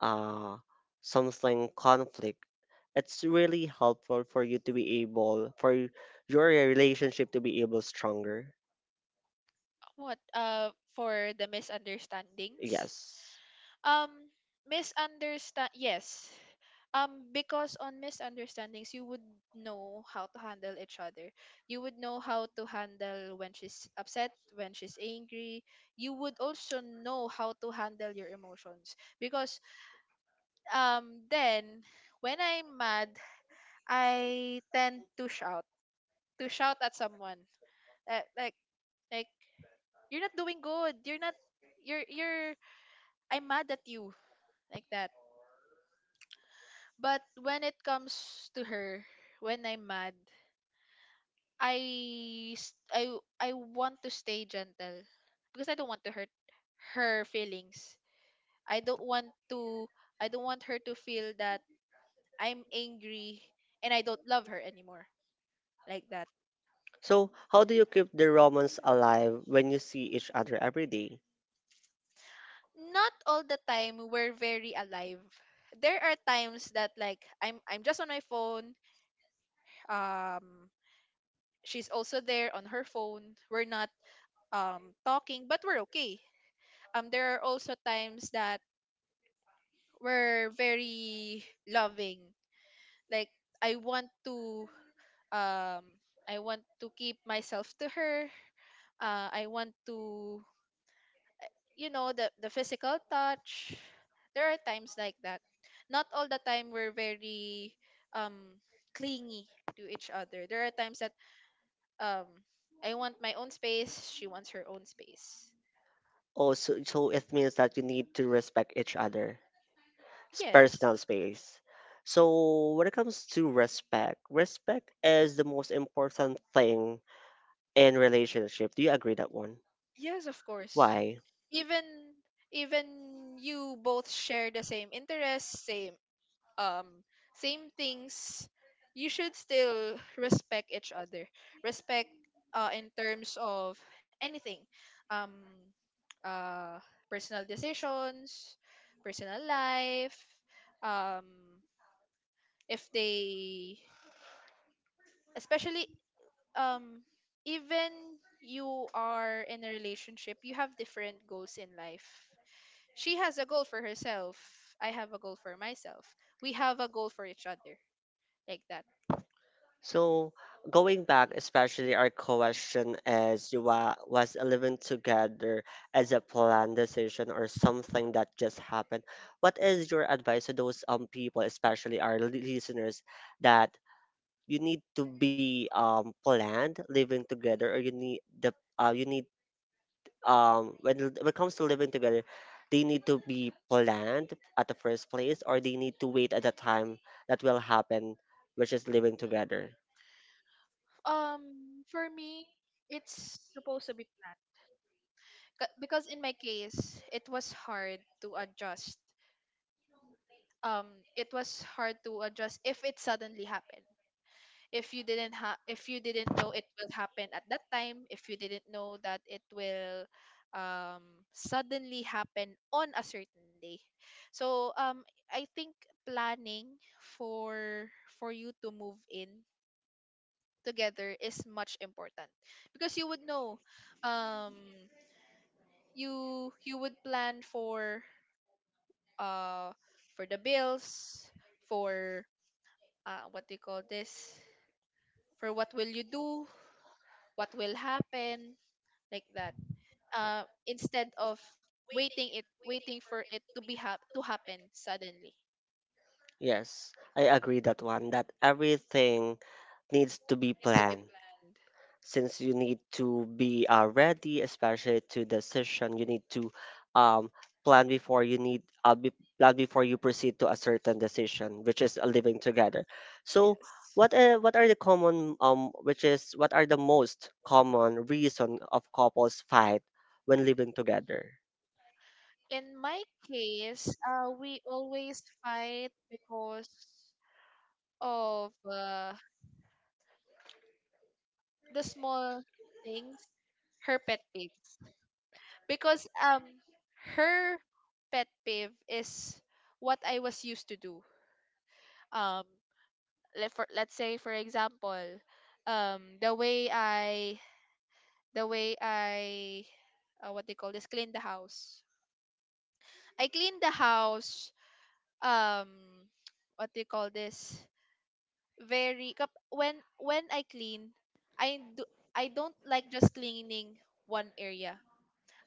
Speaker 1: uh something conflict, it's really helpful for you to be able for y- your relationship to be able stronger.
Speaker 2: What, uh for the misunderstandings?
Speaker 1: Yes.
Speaker 2: Um, misunderstand. Yes. Um, because on misunderstandings, you would know how to handle each other. You would know how to handle when she's upset, when she's angry. You would also know how to handle your emotions. Because, um, then when I'm mad, I tend to shout, to shout at someone. Like, like, like you're not doing good. You're not. You're, you're. I'm mad at you. Like that. But when it comes to her, when I'm mad, I s- I w- I want to stay gentle because I don't want to hurt her feelings. I don't want to, I don't want her to feel that I'm angry and I don't love her anymore, like that.
Speaker 1: So, how do you keep the romance alive when you see each other every day?
Speaker 2: Not all the time we're very alive. There are times that, like, I'm I'm just on my phone. Um she's also there on her phone. We're not um talking, but we're okay. Um, there are also times that we're very loving, like I want to, um I want to keep myself to her, uh I want to, you know, the the physical touch. There are times like that. Not all the time we're very, um clingy to each other. There are times that, um I want my own space, she wants her own space.
Speaker 1: Oh, so, so it means that you need to respect each other. S-
Speaker 2: Yes.
Speaker 1: personal space. So when it comes to respect, respect is the most important thing in relationship. Do you agree that one?
Speaker 2: Yes, of course.
Speaker 1: Why?
Speaker 2: Even even you both share the same interests, same, um same things, you should still respect each other. Respect, uh in terms of anything. Um uh personal decisions, personal life, um, if they, especially, um, even you are in a relationship, you have different goals in life. She has a goal for herself. I have a goal for myself. We have a goal for each other, like that.
Speaker 1: So going back, especially our question is wa- was living together as a planned decision or something that just happened. What is your advice to those um people, especially our li- listeners, that you need to be um planned living together or you need the uh you need um when it, when it comes to living together, they need to be planned at the first place or they need to wait at the time that will happen, which is living together.
Speaker 2: Um, for me, it's supposed to be planned. Ca- Because in my case, it was hard to adjust. Um, it was hard to adjust if it suddenly happened. If you didn't ha- if you didn't know it will happen at that time, if you didn't know that it will, um suddenly happen on a certain day. So, um, I think planning for for you to move in together is much important, because you would know, um you you would plan for, uh for the bills, for, uh what do you call this, for what will you do, what will happen, like that. Uh, instead of waiting it waiting for it to be hap- to happen suddenly.
Speaker 1: Yes, I agree that one, that everything needs to be
Speaker 2: It's to be
Speaker 1: planned,
Speaker 2: planned.
Speaker 1: since you need to be uh, ready, especially to decision, you need to um plan before you need uh, be, plan before you proceed to a certain decision, which is uh, living together. So
Speaker 2: Yes.
Speaker 1: what uh, what are the common um which is what are the most common reason of couples fight when living together?
Speaker 2: In my case, uh, we always fight because of, uh, the small things, her pet peeve. Because, um, her pet peeve is what I was used to do. Um, let for let's say for example, um, the way I the way I, uh, what they call this, clean the house. I clean the house, um, what they call this, very kap- when when I clean, I do I don't like just cleaning one area.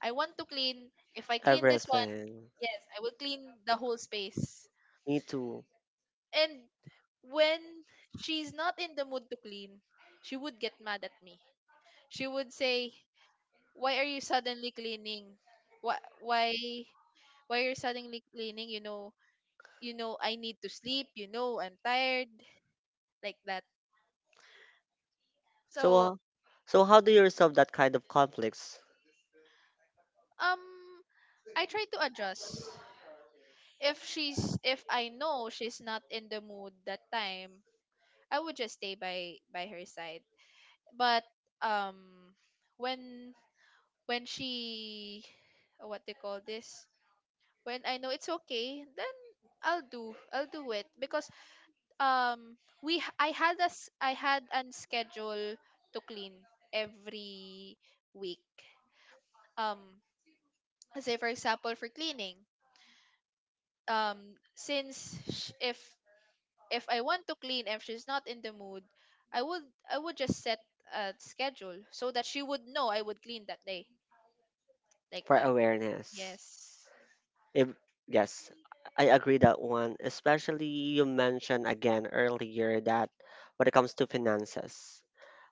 Speaker 2: I want to clean, if I clean this one,
Speaker 1: Everything.
Speaker 2: yes, I will clean the whole space.
Speaker 1: Me too.
Speaker 2: And when she's not in the mood to clean, she would get mad at me. She would say, "Why are you suddenly cleaning? Why why why you're suddenly cleaning? You know, you know, I need to sleep. You know, I'm tired," like that.
Speaker 1: So
Speaker 2: So,
Speaker 1: uh, so how do you resolve that kind of conflicts?
Speaker 2: um, I try to adjust. If she's, if I know she's not in the mood that time, I would just stay by by her side. But, um, when when she, what they call this, when I know it's okay, then i'll do I'll do it. Because, um, we h- I had us I had an schedule to clean every week. Um, say for example for cleaning. Um, since sh- if if I want to clean and she's not in the mood, I would I would just set a schedule so that she would know I would clean that day, like
Speaker 1: For
Speaker 2: that.
Speaker 1: awareness.
Speaker 2: Yes.
Speaker 1: If, yes, I agree that one. Especially you mentioned again earlier that when it comes to finances,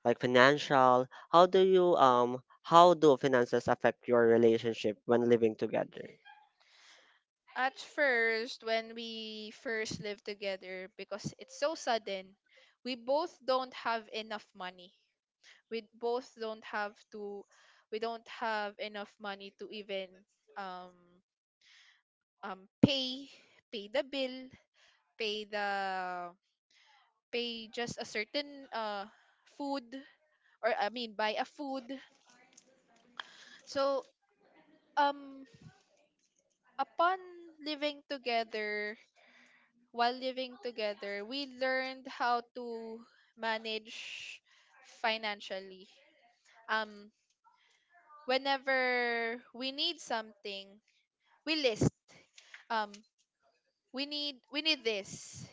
Speaker 1: like financial, how do you um how do finances affect your relationship when living together?
Speaker 2: At first, when we first lived together, because it's so sudden, we both don't have enough money. we both don't have to we don't have enough money to even, um um pay pay the bill, pay the pay just a certain, uh, food, or I mean buy a food. So, um, upon living together, while living together, we learned how to manage financially. Um, whenever we need something, we list, um, we need we need this.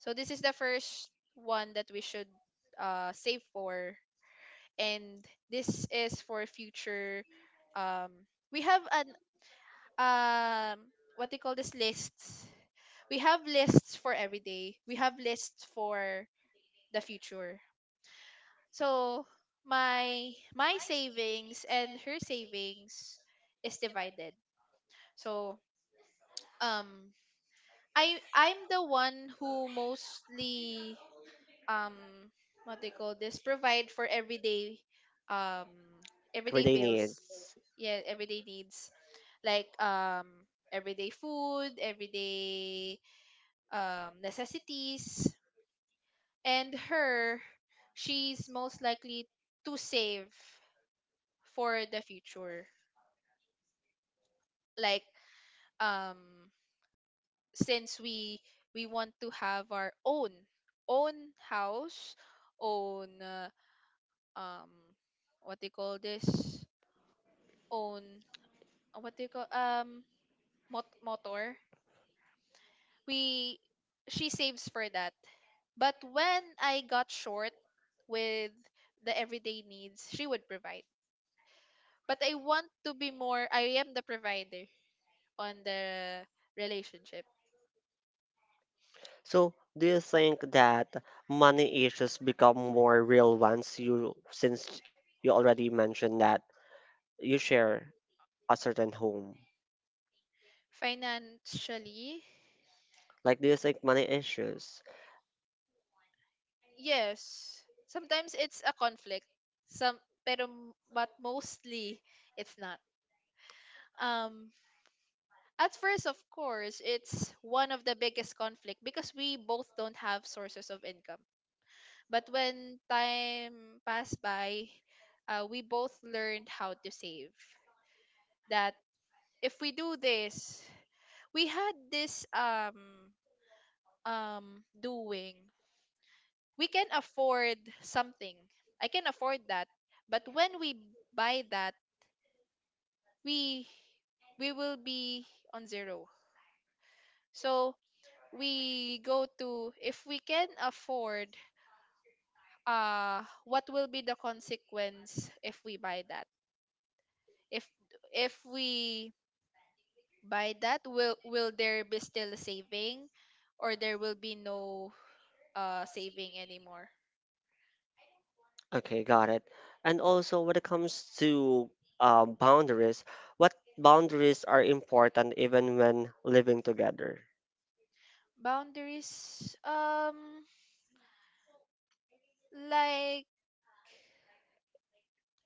Speaker 2: So this is the first one that we should, uh, save for, and this is for future. Um, we have an, um, what do you call this, lists. We have lists for every day. We have lists for the future. So my my savings and her savings is divided. So, um, I I'm the one who mostly, um, what they call this, provide for everyday, um, everyday
Speaker 1: Everyday
Speaker 2: bills.
Speaker 1: needs.
Speaker 2: Yeah, everyday needs, like, um, everyday food, everyday, um, necessities. And her, she's most likely to save for the future, like, um, since we we want to have our own, own house, own, uh, um, what they call this, own, uh, what do you call, um, mot- motor. We She saves for that. But when I got short with the everyday needs, she would provide. But I want to be more, I am the provider on the relationship.
Speaker 1: So do you think that money issues become more real once you, since you already mentioned that you share a certain home?
Speaker 2: Financially,
Speaker 1: Like, do you think money issues?
Speaker 2: yes. Sometimes it's a conflict. Some, pero m- but mostly it's not. Um, at first, of course, it's one of the biggest conflict because we both don't have sources of income. But when time passed by, uh, we both learned how to save. That if we do this, we had this, um um doing, we can afford something. I can afford that. But when we buy that, we we will be on zero. So we go to, if we can afford, uh, what will be the consequence if we buy that. if if we buy that, will will there be still saving, or there will be no, uh, saving anymore?
Speaker 1: Okay, got it. And also, when it comes to uh, boundaries, what boundaries are important even when living together?
Speaker 2: Boundaries, um, like,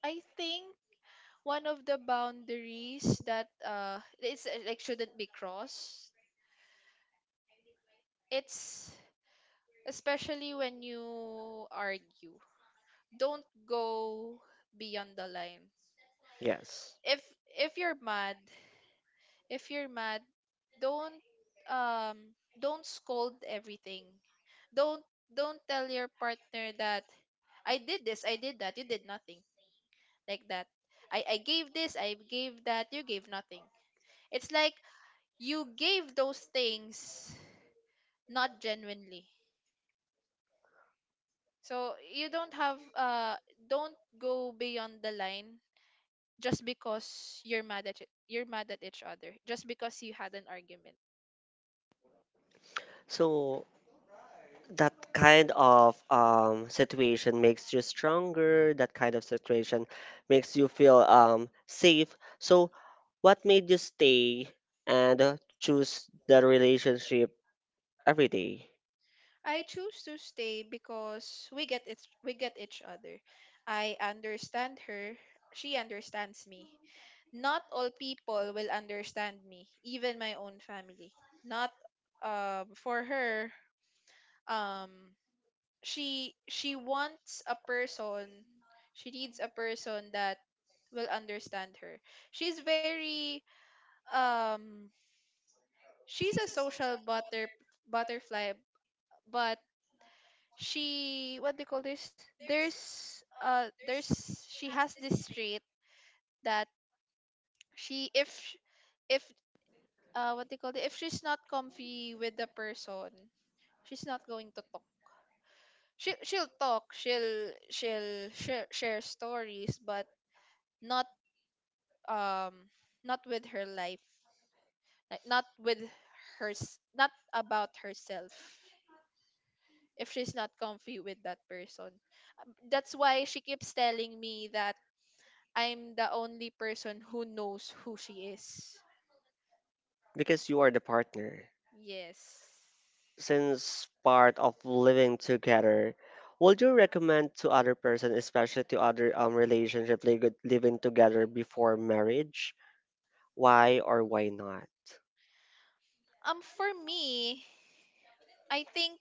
Speaker 2: I think one of the boundaries that, uh, it's, uh, like shouldn't be crossed, it's especially when you argue, don't go beyond the line.
Speaker 1: Yes.
Speaker 2: If if you're mad, if you're mad, don't, um, don't scold everything. Don't don't tell your partner that I did this, I did that, you did nothing, like that. I I gave this, I gave that, you gave nothing. It's like you gave those things not genuinely. So you don't have, uh, don't go beyond the line just because you're mad at it- you're mad at each other, just because you had an argument.
Speaker 1: So that kind of um, situation makes you stronger. That kind of situation makes you feel um, safe. So what made you stay and uh, choose the relationship every day?
Speaker 2: I choose to stay because we get it we get each other. I understand her, she understands me. Not all people will understand me, even my own family. Not, um, for her, um, she she wants a person, she needs a person that will understand her. She's very, um, she's a social butter butterfly, but she, what do you call this? There's uh there's she has this trait that, she if sh- if uh what do you call it? If she's not comfy with the person, she's not going to talk. She she'll talk, she'll she'll share, share stories, but not, um, not with her life, like not with hers, not about herself, if she's not comfy with that person. Um, That's why she keeps telling me that I'm the only person who knows who she is.
Speaker 1: Because you are the partner.
Speaker 2: Yes.
Speaker 1: Since part of living together, would you recommend to other person, especially to other um relationship, li- good- living together before marriage? Why or why not?
Speaker 2: Um, for me, I think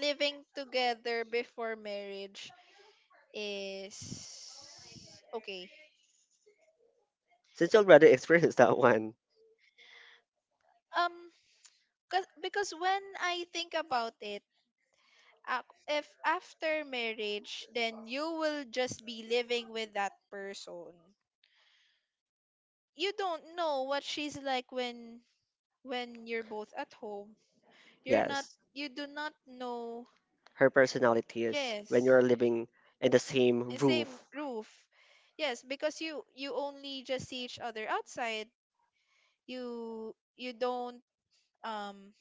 Speaker 2: living together before marriage is okay.
Speaker 1: Since you already experienced that one,
Speaker 2: Um, cause, because when I think about it, ac- if after marriage, then you will just be living with that person. You don't know what she's like when when you're both at home. You're not,
Speaker 1: yes,
Speaker 2: you do not know.
Speaker 1: her personality is when
Speaker 2: Yes.
Speaker 1: you're living in the same
Speaker 2: Eh, same
Speaker 1: roof.
Speaker 2: roof. Yes, because you you only just see each other outside. You you don't um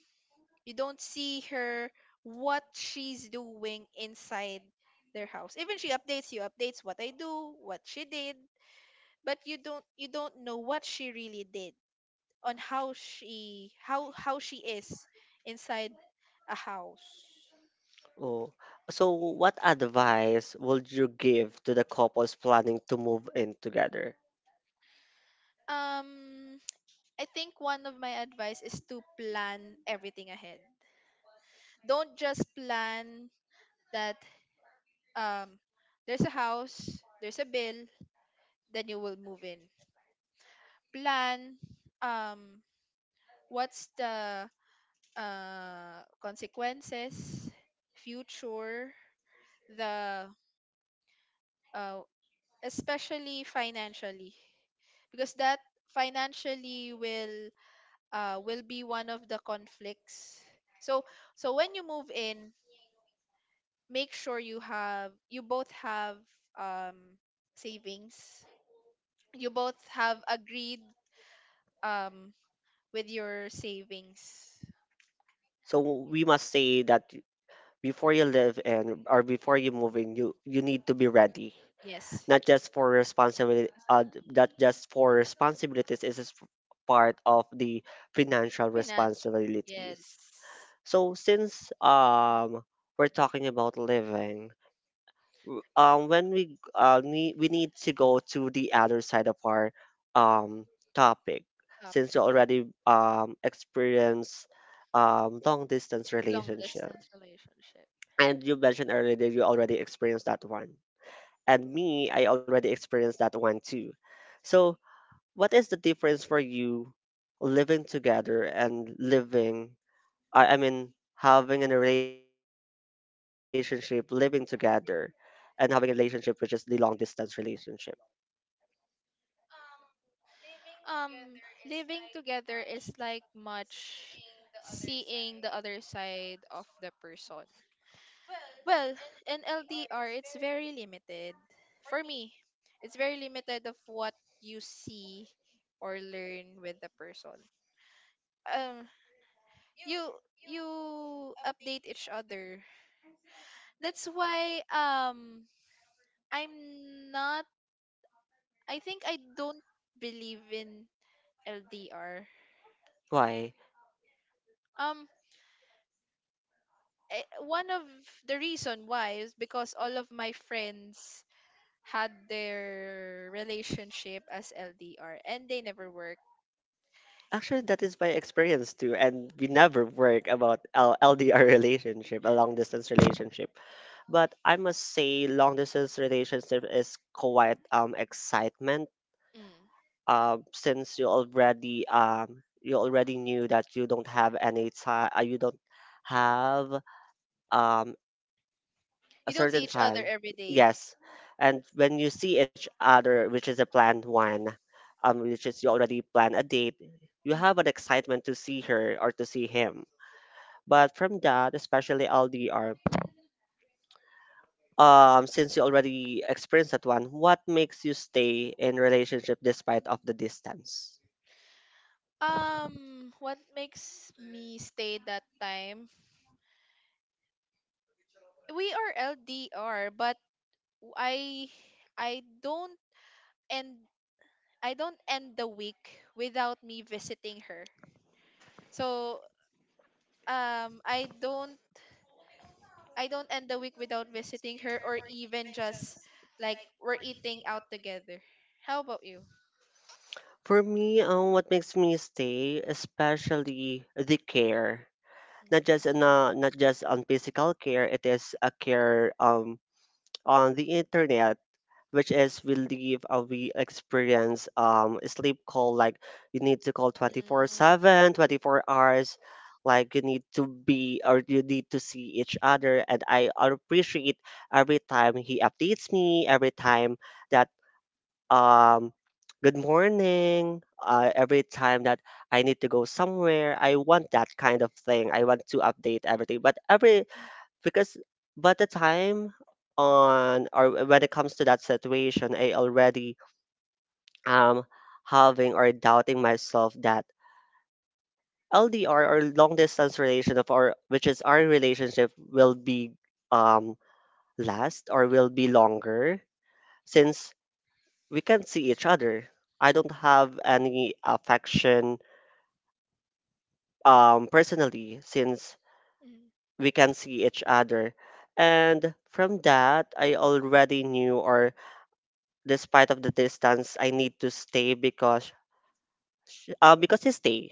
Speaker 2: you don't see her what she's doing inside their house. Even she updates you, updates what I do, what she did, but you don't you don't know what she really did. on how she how how she is inside a house.
Speaker 1: Oh, so what advice would you give to the couples planning to move in together?
Speaker 2: Um I think one of my advice is to plan everything ahead. Don't just plan that um there's a house, there's a bill, then you will move in. Plan um what's the uh consequences, future, the uh especially financially, because that financially will uh, will be one of the conflicts. So so when you move in, make sure you have you both have um, savings, you both have agreed um, with your savings.
Speaker 1: So we must say that before you live in or before you move in, you you need to be ready.
Speaker 2: Yes.
Speaker 1: Not just for responsibility, uh, not just for responsibilities. It is part of the financial
Speaker 2: Financial.
Speaker 1: responsibilities.
Speaker 2: Yes.
Speaker 1: So since um we're talking about living, w- um when we g- uh need we need to go to the other side of our um topic since
Speaker 2: Topic.
Speaker 1: you already um experience
Speaker 2: Um,
Speaker 1: um long distance
Speaker 2: Long
Speaker 1: relationship.
Speaker 2: distance relationship.
Speaker 1: And you mentioned earlier that you already experienced that one. And me, I already experienced that one too. So, what is the difference for you living together and living, I, I mean, having in a relationship, living together, and having a relationship which is the long distance relationship?
Speaker 2: Um, Living together is like much seeing the other side of the person. Well, in L D R, it's very limited. For me, it's very limited of what you see or learn with the person. Um, you you update each other. That's why um I'm not I think I don't believe in L D R.
Speaker 1: Why?
Speaker 2: Um eh, One of the reason why is because all of my friends had their relationship as L D R and they never work.
Speaker 1: Actually, that is my experience too. And we never work about L- LDR relationship, a long distance relationship. But I must say, long distance relationship is quite um excitement.
Speaker 2: Mm.
Speaker 1: Um, since you already um you already knew that you don't have any time, uh, you don't have um a
Speaker 2: You don't see
Speaker 1: certain
Speaker 2: each other
Speaker 1: time.
Speaker 2: every day.
Speaker 1: Yes, and when you see each other, which is a planned one, um, which is you already plan a date, you
Speaker 2: Mm.
Speaker 1: have an excitement to see her or to see him. But from that, especially L D R, um since you already experienced that one, what makes you stay in relationship despite of the distance?
Speaker 2: Um, what makes me stay that time? We are L D R, but I I don't end I don't end the week without me visiting her. So um I don't I don't end the week without visiting her, or even just like we're eating out together. How about you?
Speaker 1: For me, um, what makes me stay especially the care, not
Speaker 2: Mm.
Speaker 1: just in uh, not just on physical care, it is a care um on the internet, which is we leave uh, we experience um sleep call, like you need to call 24
Speaker 2: Mm.
Speaker 1: seven twenty four hours like you need to be or you need to see each other, and I appreciate every time he updates me, every time that um good morning, uh, every time that I need to go somewhere, I want that kind of thing, I want to update everything, but every, because by the time on or when it comes to that situation, I already am having or doubting myself that LDR or long distance relation of our, which is our relationship will be um last or will be longer since we can't see each other, I don't have any affection um personally since
Speaker 2: Mm.
Speaker 1: we can see each other. And from that, I already knew or despite of the distance, I need to stay because sh- uh, because you stay,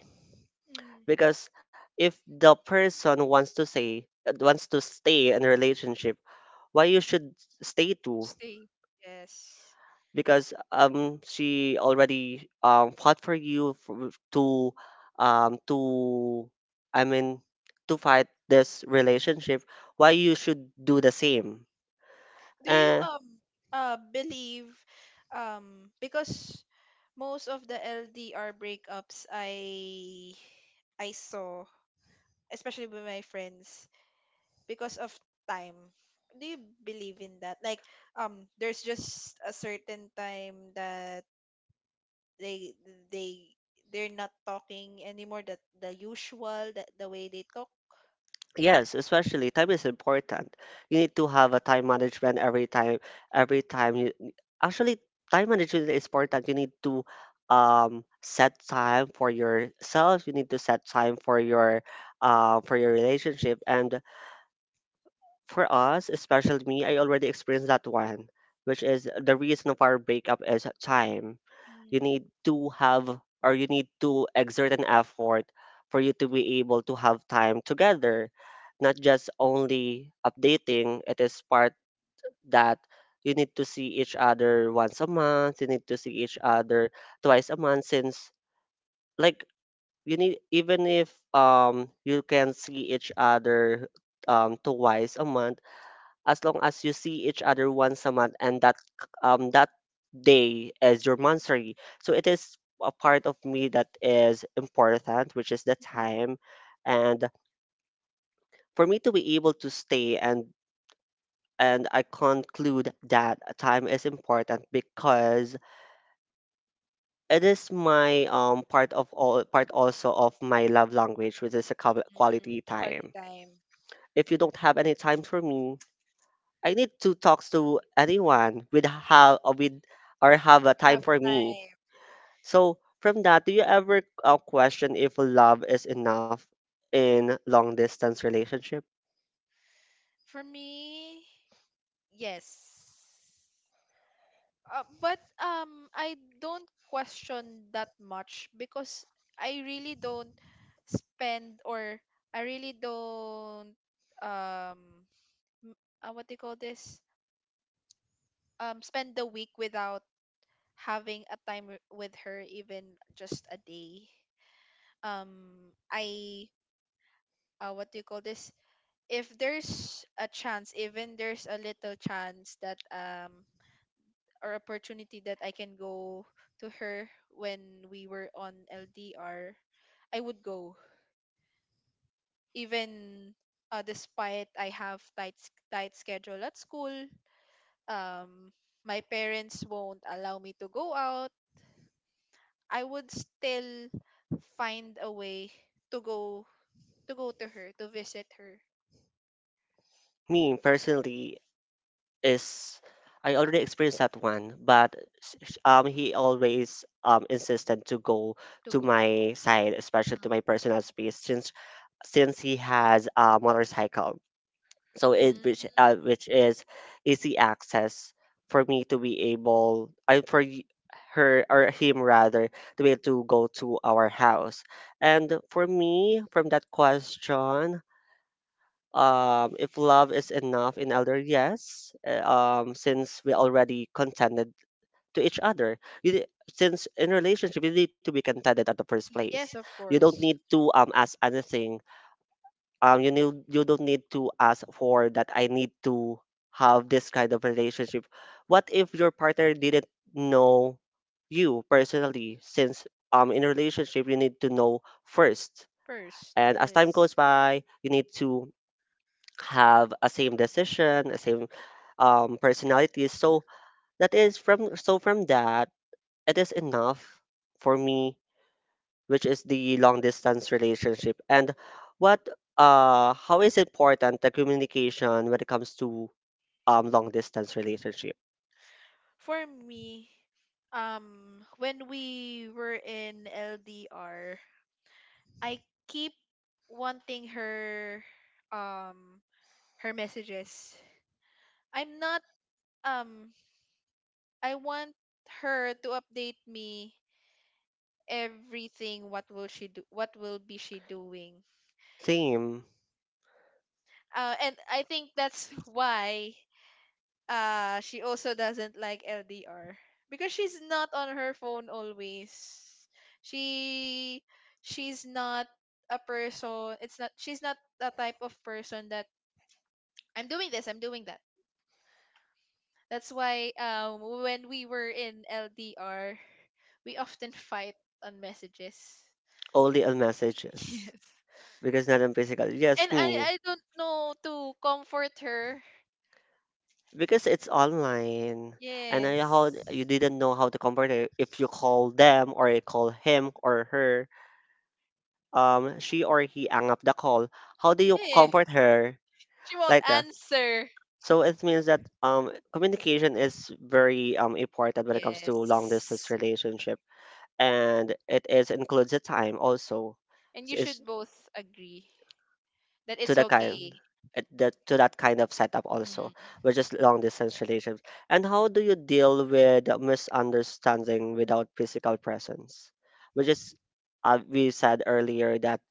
Speaker 2: Mm.
Speaker 1: because if the person wants to say uh, wants to stay in a relationship, why you should stay too,
Speaker 2: Stay. Yes.
Speaker 1: because um she already um fought for you, for, to um to, I mean, to fight this relationship, why you should do the same.
Speaker 2: Do you
Speaker 1: Uh,
Speaker 2: um uh believe, um because most of the L D R breakups I I saw, especially with my friends, because of time. Do you believe in that? Like um there's just a certain time that they they they're not talking anymore, that the usual, that the way they talk.
Speaker 1: Yes, especially time is important. You need to have a time management every time. Every time you, actually, time management is important. You need to um set time for yourself. You need to set time for your uh, for your relationship, and for us, especially me, I already experienced that one, which is the reason of our breakup is time. You
Speaker 2: Mm.
Speaker 1: need to have or you need to exert an effort for you to be able to have time together, not just only updating. It is part that you need to see each other once a month, you need to see each other twice a month since, like, you need, even if um you can see each other um twice a month, as long as you see each other once a month, and that um that day is your monthsary, so it is a part of me that is important, which is the
Speaker 2: Mhm.
Speaker 1: time. And for me to be able to stay, and and I conclude that time is important because it is my um part of all, part also of my love language, which is a qual-
Speaker 2: Mm,
Speaker 1: quality
Speaker 2: quality
Speaker 1: time.
Speaker 2: time.
Speaker 1: If you don't have any time for me, I need to talk to anyone with have uh, with or have a time
Speaker 2: Have
Speaker 1: for me.
Speaker 2: time.
Speaker 1: So from that, do you ever uh, question if love is enough in long distance relationship?
Speaker 2: For me, yes. Uh, but um I don't question that much, because I really don't spend or I really don't, um m- uh, what do you call this? Um spend the week without having a time w- with her, even just a day. Um I uh, What do you call this? If there's a chance, even there's a little chance that um or opportunity that I can go to her when we were on L D R, I would go. Even uh, despite I have tight s- tight schedule at school, um my parents won't allow me to go out, I would still find a way to go to go to her, to visit her,
Speaker 1: Me personally is I already experienced that one, but s- sh- um he always um insisted to go
Speaker 2: to
Speaker 1: to
Speaker 2: go.
Speaker 1: my side, especially to my personal space, since since he has a motorcycle, so
Speaker 2: Mm.
Speaker 1: it which
Speaker 2: Mm.
Speaker 1: uh, which is easy access for me to be able, I for y- her or him rather, to be able to go to our house. And for me, from that question, um if love is enough in elder, yes, uh, um since we already contended to each other, you, di- since in relationship you need to be contended at the first place,
Speaker 2: Yes, of
Speaker 1: you don't
Speaker 2: course.
Speaker 1: need to um ask anything, um you need, you don't need to ask for that, I need to have this kind of relationship. What if your partner didn't know you personally, since um in a relationship you need to know first,
Speaker 2: First,
Speaker 1: and as time goes
Speaker 2: yes.
Speaker 1: by you need to have a same decision, a same um personalities. So that is from, so from that, it is enough for me, which is the long distance relationship. And what uh how is important the communication when it comes to um long distance relationship?
Speaker 2: For me, um, when we were in L D R, I keep wanting her, um, her messages. I'm not, um, I want her to update me everything. What will she do? What will be she doing?
Speaker 1: Same,
Speaker 2: Uh, and I think that's why. Uh, she also doesn't like L D R because she's not on her phone always. She she's not a person. It's not She's not the type of person that I'm doing this, I'm doing that. That's why um when we were in L D R, we often fight on messages.
Speaker 1: only on messages,
Speaker 2: Yes.
Speaker 1: because not in physical, yes,
Speaker 2: And I
Speaker 1: me,
Speaker 2: I don't know to comfort her.
Speaker 1: because it's online, and I, how
Speaker 2: Yes.
Speaker 1: you didn't know how to compare it, if you call them or you call him or her, um she or he hung up the call, how do you
Speaker 2: eh,
Speaker 1: comfort her
Speaker 2: she won't
Speaker 1: like that?
Speaker 2: answer.
Speaker 1: So it means that um, communication is very um, important when it comes to long distance
Speaker 2: Yes.
Speaker 1: relationship, and it is includes the time also.
Speaker 2: And you
Speaker 1: So it's
Speaker 2: should both agree that
Speaker 1: to
Speaker 2: it's
Speaker 1: the kind,
Speaker 2: okay.
Speaker 1: at that, to that kind of setup also,
Speaker 2: Mm.
Speaker 1: which is long distance relationships. And how do you deal with the misunderstanding without physical presence? Which is, uh, we said earlier that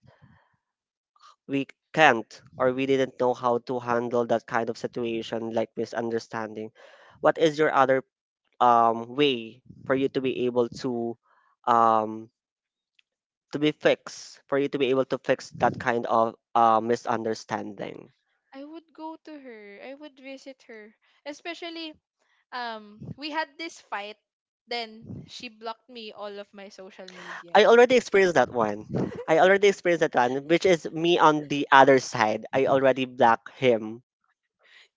Speaker 1: we can't or we didn't know how to handle that kind of situation like misunderstanding. What is your other um way for you to be able to um to be fixed, for you to be able to fix that kind of uh, misunderstanding?
Speaker 2: I would go to her. I would visit her. Especially um we had this fight, then she blocked me all of my social medias.
Speaker 1: I already experienced that one. I already experienced that one, which is me, on the other side I already blocked him.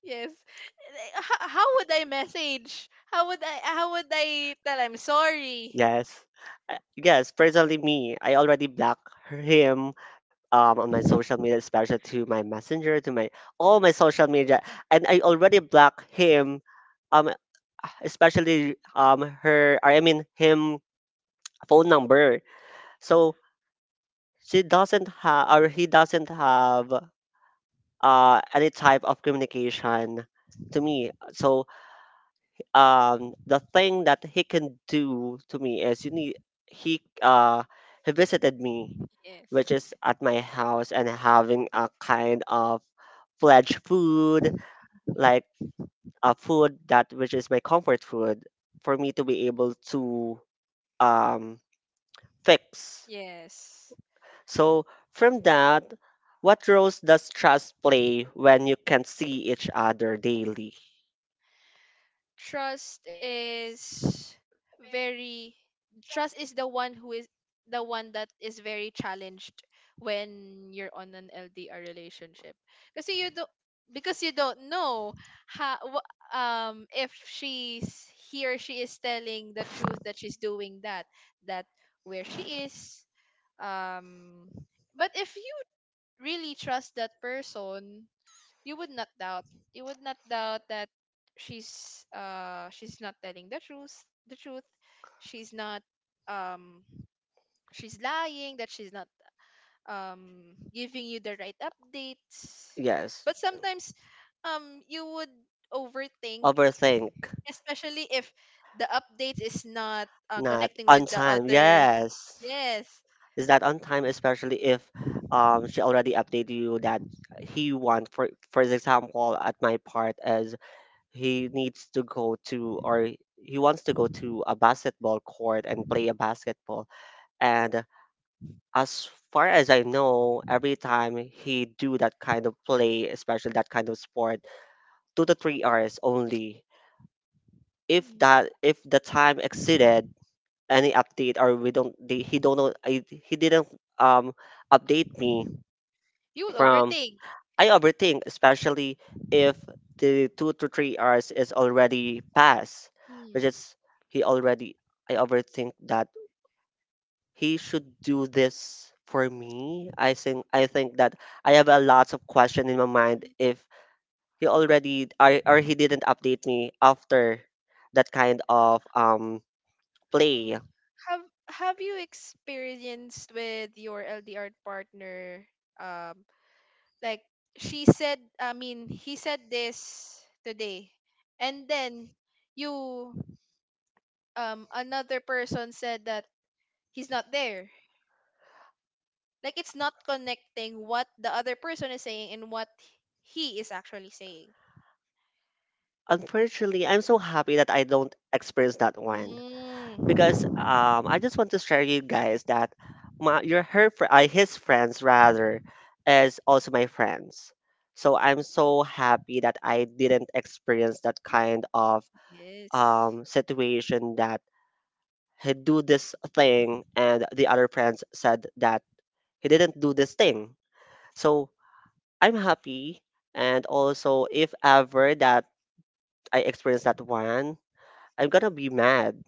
Speaker 2: Yes. H- how would I message? How would I how would I tell I'm sorry?
Speaker 1: Yes. Uh, yes, personally me, I already block him um on my social media, especially to my messenger, to my all my social media, and I already block him um especially um her, I mean him, phone number. So she doesn't have or he doesn't have uh any type of communication to me. So um the thing that he can do to me is you need, he uh he visited me, which
Speaker 2: Yes.
Speaker 1: is at my house, and having a kind of fledged food, like a food that, which is my comfort food, for me to be able to um fix.
Speaker 2: Yes.
Speaker 1: So from that, what roles does trust play when you can see each other daily?
Speaker 2: trust is very Trust is the one who is the one that is very challenged when you're on an L D R relationship, because you don't because you don't know how wh- um if she's he or she is telling the truth, that she's doing that, that where she is um but if you really trust that person, you would not doubt, you would not doubt that she's uh she's not telling the truth, the truth she's not, um she's lying, that she's not um giving you the right updates.
Speaker 1: Yes.
Speaker 2: But sometimes um you would overthink,
Speaker 1: Overthink.
Speaker 2: especially if the update is not uh,
Speaker 1: Not
Speaker 2: connecting with
Speaker 1: on
Speaker 2: the
Speaker 1: time,
Speaker 2: other.
Speaker 1: yes.
Speaker 2: Yes.
Speaker 1: Is that on time, especially if um she already updated you that he want for for example, at my part as he needs to go to or he wants to go to a basketball court and play a basketball, and as far as I know, every time he do that kind of play, especially that kind of sport, two to three hours only, if
Speaker 2: Mm.
Speaker 1: that, if the time exceeded any update, or we don't, they, he don't know, I, he didn't um update me
Speaker 2: You will
Speaker 1: from.
Speaker 2: overthink.
Speaker 1: I overthink, especially if the two to three hours is already past, which
Speaker 2: Mm.
Speaker 1: is he already, I overthink that he should do this for me. I think I think that I have a lot of question in my mind if he already, or, or he didn't update me after that kind of um
Speaker 2: Mm.
Speaker 1: play.
Speaker 2: have have you experienced with your L D R partner, um like, she said I mean he said this today, and then you um another person said that he's not there, like it's not connecting what the other person is saying and what he is actually saying.
Speaker 1: Unfortunately, I'm so happy that I don't experience that one, because
Speaker 2: Mm.
Speaker 1: um, I just want to share you guys that my, your her fr- uh, his friends rather is also my friends. So I'm so happy that I didn't experience that kind of
Speaker 2: Yes.
Speaker 1: um, situation that he do this thing and the other friends said that he didn't do this thing. So I'm happy, and also if ever that I experience that one, I'm gonna be mad.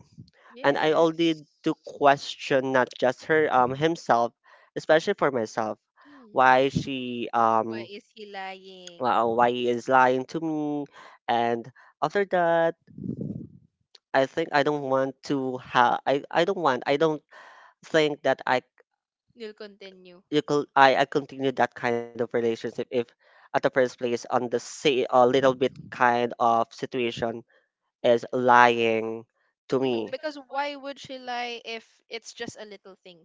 Speaker 1: And I
Speaker 2: Yes.
Speaker 1: already to question not just her um himself, especially for myself,
Speaker 2: Mm.
Speaker 1: why she
Speaker 2: Why
Speaker 1: um
Speaker 2: is he lying?
Speaker 1: why why he is lying to me. And after that, I think I don't want to have, I, I don't want, I don't think that I,
Speaker 2: You'll continue.
Speaker 1: you could, I, I continue that kind of relationship if at the first place on the say a little bit kind of situation is lying to
Speaker 2: Mm,
Speaker 1: me.
Speaker 2: because why would she lie if it's just a little thing?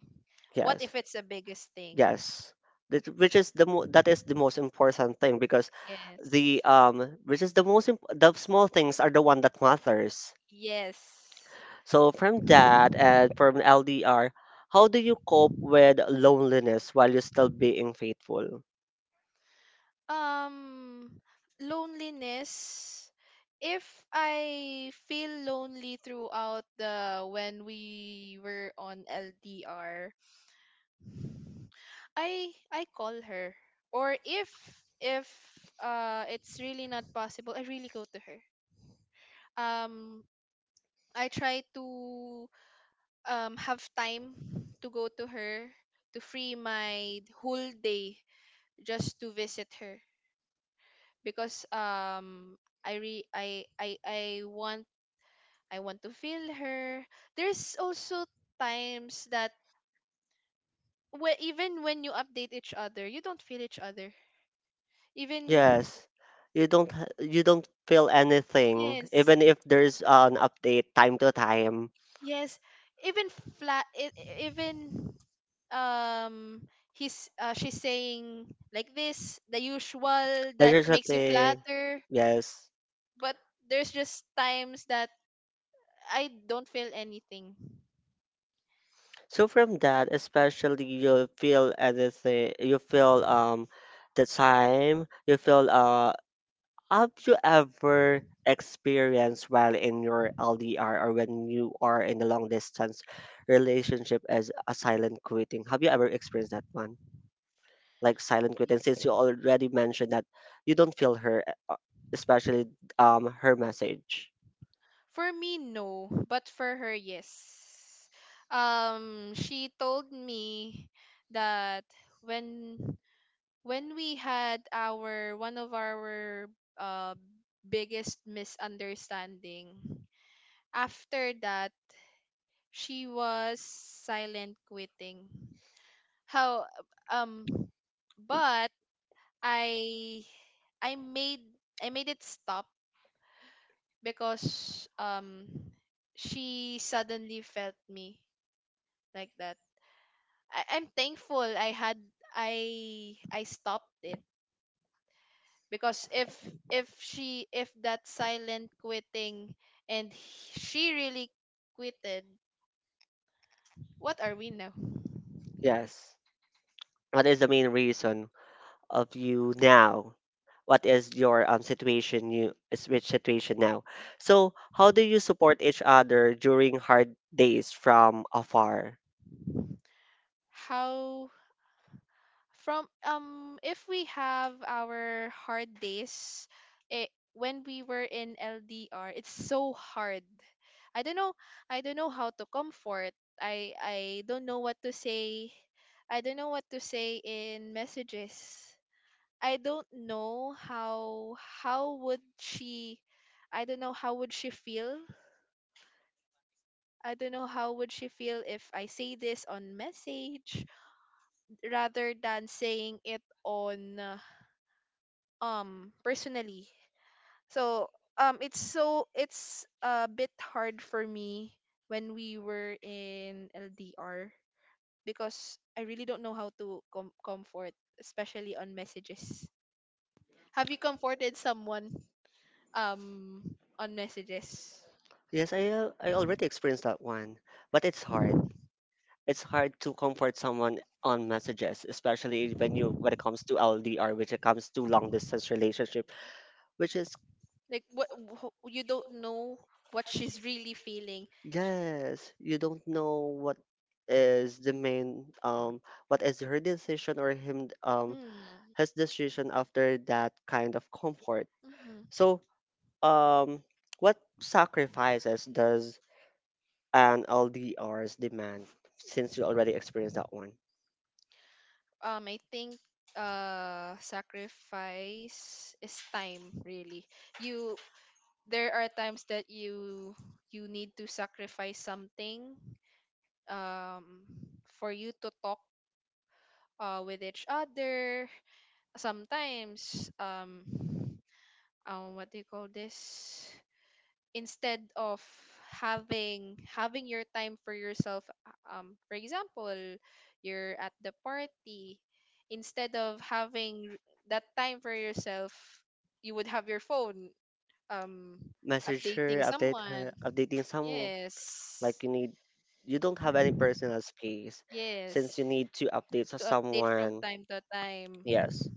Speaker 2: What
Speaker 1: Yes.
Speaker 2: if it's the biggest thing?
Speaker 1: Yes. That, which is the mo- that is the most important thing, because
Speaker 2: Yes.
Speaker 1: the um which is the most imp- the small things are the one that matters.
Speaker 2: Yes.
Speaker 1: So from that and from L D R, how do you cope with loneliness while you're still being faithful?
Speaker 2: Um, Loneliness. If I feel lonely throughout the when we were on L D R, I I call her, or if if uh it's really not possible, I really go to her. Um I try to um have time to go to her, to free my whole day just to visit her, because um I re I I I want I want to feel her. There's also times that, where even when you update each other, you don't feel each other. Even.
Speaker 1: Yes. You don't ha- you don't feel anything
Speaker 2: Yes.
Speaker 1: even if there's an update time to time.
Speaker 2: Yes, even flat, e-, e-, even um, he's uh, she's saying like this, the usual
Speaker 1: That's
Speaker 2: that
Speaker 1: just a
Speaker 2: makes you
Speaker 1: thing.
Speaker 2: flatter.
Speaker 1: Yes.
Speaker 2: But there's just times that I don't feel anything.
Speaker 1: So from that, especially you'll feel anything, you feel um the time, you feel uh have you ever experienced while in your L D R or when you are in a long distance relationship as a silent quitting? Have you ever experienced that one? Like silent quitting, since you already mentioned that you don't feel her, uh, especially um her message.
Speaker 2: For me, no, but for her, yes. Um, she told me that when when we had our one of our uh biggest misunderstanding, after that she was silent quitting. How um but i i made i made it stop, because um she suddenly felt me like that. I, I'm thankful I had i i stopped it, because if if she if that silent quitting and he- she really quitted, what are we now?
Speaker 1: Yes. What is the main reason of you now? What is your um situation, you is which situation now? So how do you support each other during hard days from afar?
Speaker 2: How From, um if we have our hard days, it, when we were in L D R, it's so hard. I don't know I don't know how to comfort. I I don't know what to say, I don't know what to say in messages. I don't know how how would she I don't know how would she feel, I don't know how would she feel if I say this on message, rather than saying it on uh, um personally. So um it's so it's a bit hard for me when we were in L D R, because I really don't know how to com- comfort, especially on messages. Have you comforted someone um on messages?
Speaker 1: Yes, I uh, I already experienced that one, but it's hard. It's hard to comfort someone on messages, especially when you when it comes to L D R, which it comes to long distance relationship, which is
Speaker 2: Like what wh- you don't know what she's really feeling. Sh-
Speaker 1: yes, you don't know what is the main um what is her decision or him, um
Speaker 2: mm.
Speaker 1: his decision after that kind of comfort.
Speaker 2: Mm-hmm.
Speaker 1: So, um, what sacrifices does an L D Rs demand? Since you already experienced that one,
Speaker 2: um I think uh sacrifice is time really. You There are times that you you need to sacrifice something um for you to talk uh with each other. Sometimes um um what do you call this? Instead of having having your time for yourself, um for example, you're at the party, instead of having that time for yourself, you would have your phone, um
Speaker 1: message her,
Speaker 2: updating
Speaker 1: update
Speaker 2: someone.
Speaker 1: her, updating some,
Speaker 2: Yes.
Speaker 1: like you need, you don't have any personal space since
Speaker 2: Yes.
Speaker 1: you need to update to
Speaker 2: To update from
Speaker 1: someone.
Speaker 2: time to time.
Speaker 1: Yes.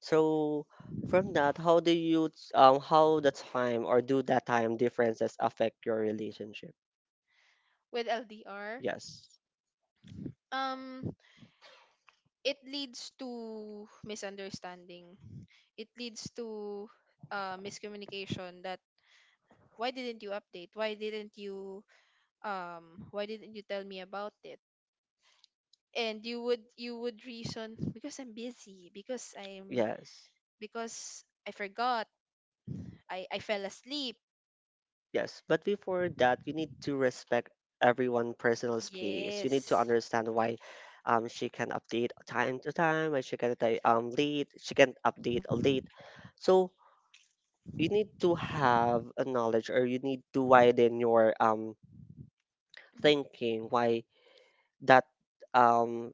Speaker 1: So from that, how do you t- um how the time or do that time differences affect your relationship?
Speaker 2: With L D R,
Speaker 1: Yes.
Speaker 2: um it leads to misunderstanding, it leads to uh, miscommunication, that why didn't you update, why didn't you um why didn't you tell me about it? And you would you would reason, because I'm busy, because i'm
Speaker 1: Yes.
Speaker 2: because I forgot, i i fell asleep.
Speaker 1: Yes, but before that, you need to respect everyone's personal space. You need to
Speaker 2: Yes.
Speaker 1: understand why, um, she can update time to time, why she can update, um, late, she can update late. So you need to have a knowledge or you need to widen your um, thinking why that, um,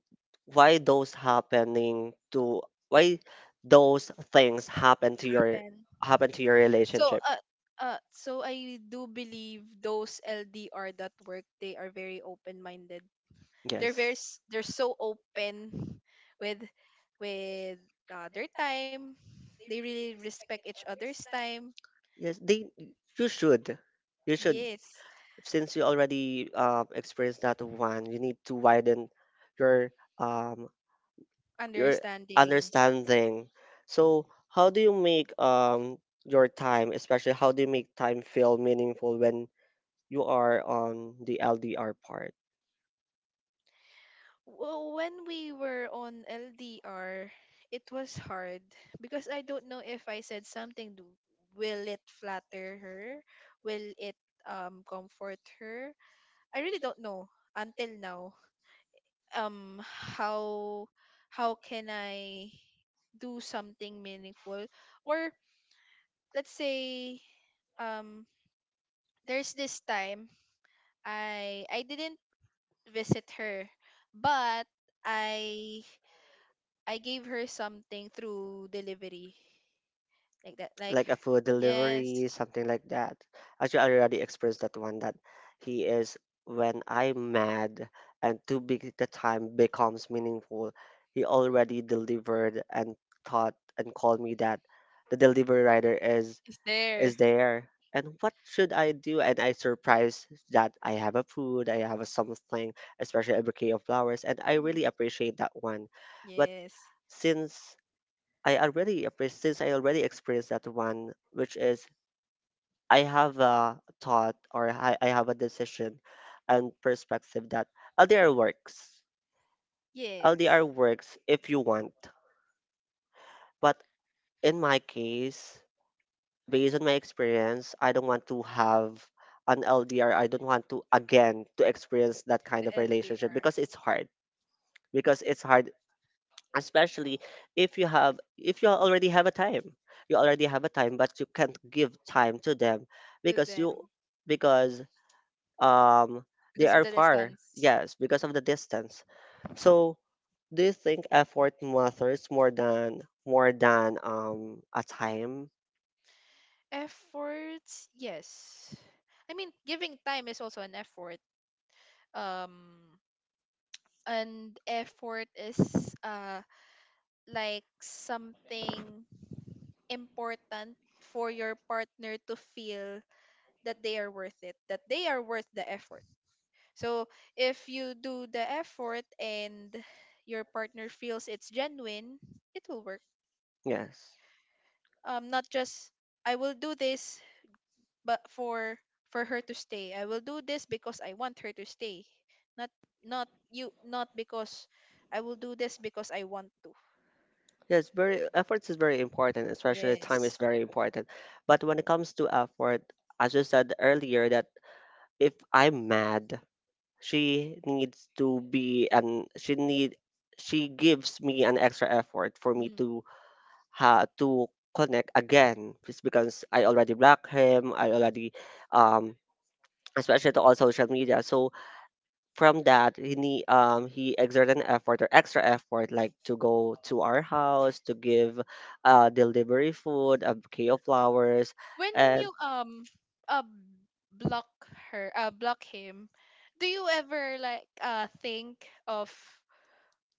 Speaker 1: why those happening to, why those things happen to
Speaker 2: Mm.
Speaker 1: your,
Speaker 2: Happen.
Speaker 1: happen to your
Speaker 2: so
Speaker 1: relationship.
Speaker 2: uh uh, so I do believe those L D R that work, they are very open-minded, they're
Speaker 1: Yes.
Speaker 2: very s- they're so open with with uh, their time, they really respect each other's time.
Speaker 1: Yes, they, you should. You should,
Speaker 2: Yes.
Speaker 1: since you already um experienced that one, you need to widen your, um your
Speaker 2: Understanding.
Speaker 1: understanding. So how do you make um your time, especially how do you make time feel meaningful when you are on the L D R part?
Speaker 2: Well, when we were on ldr, it was hard, because I don't know if I said something, d- will it flatter her, will it um comfort her? I really don't know until now. um how how can I do something meaningful, or let's say, um there's this time I I didn't visit her, but I I gave her something through delivery, like that, like...
Speaker 1: Like a food delivery,
Speaker 2: Yes.
Speaker 1: something like that. Actually, I already experienced that one that he is, when I'm mad and too big the time becomes meaningful. He already delivered and thought and called me that the delivery rider is
Speaker 2: It's there.
Speaker 1: is there. And what should I do? And I surprised that I have a food, I have a something, especially a bouquet of flowers, and I really
Speaker 2: Mm.
Speaker 1: appreciate that one. But
Speaker 2: Yes.
Speaker 1: since I already appre- since I already experienced that one, which is I have a thought or I, I have a decision and perspective that L D R works.
Speaker 2: Yes.
Speaker 1: L D R works if you want. But in my case, based on my experience, I don't want to have an L D R. I don't want to again to experience that kind
Speaker 2: The
Speaker 1: of relationship
Speaker 2: L D R.
Speaker 1: because it's hard. Because it's hard, especially if you have if you already have a time, you already have a time but you can't give time to them
Speaker 2: To
Speaker 1: because you,
Speaker 2: them.
Speaker 1: because um they
Speaker 2: Because of
Speaker 1: are
Speaker 2: the
Speaker 1: far,
Speaker 2: distance.
Speaker 1: yes, because of the distance. So do you think effort matters more than more than um a time?
Speaker 2: Efforts, yes. I mean, giving time is also an effort. Um, and effort is uh like something important for your partner to feel, that they are worth it, that they are worth the effort. So if you do the effort and your partner feels it's genuine, it will work.
Speaker 1: Yes.
Speaker 2: Um, not just I will do this but for for her to stay. I will do this because I want her to stay. Not, not you not because I will do this, because I want to.
Speaker 1: Yes, very, efforts is very important, especially time
Speaker 2: Yes.
Speaker 1: is very important, but when it comes to effort, as you said earlier that if I'm mad, She needs to be an she need she gives me an extra effort for me
Speaker 2: Mhm.
Speaker 1: to ha to connect again, just because I already blocked him. I already, um especially to all social media. So from that he need, um he exerted an effort or extra effort like to go to our house to give, uh delivery food, a bouquet of flowers
Speaker 2: When
Speaker 1: and
Speaker 2: you um uh block her uh block him, do you ever like uh think of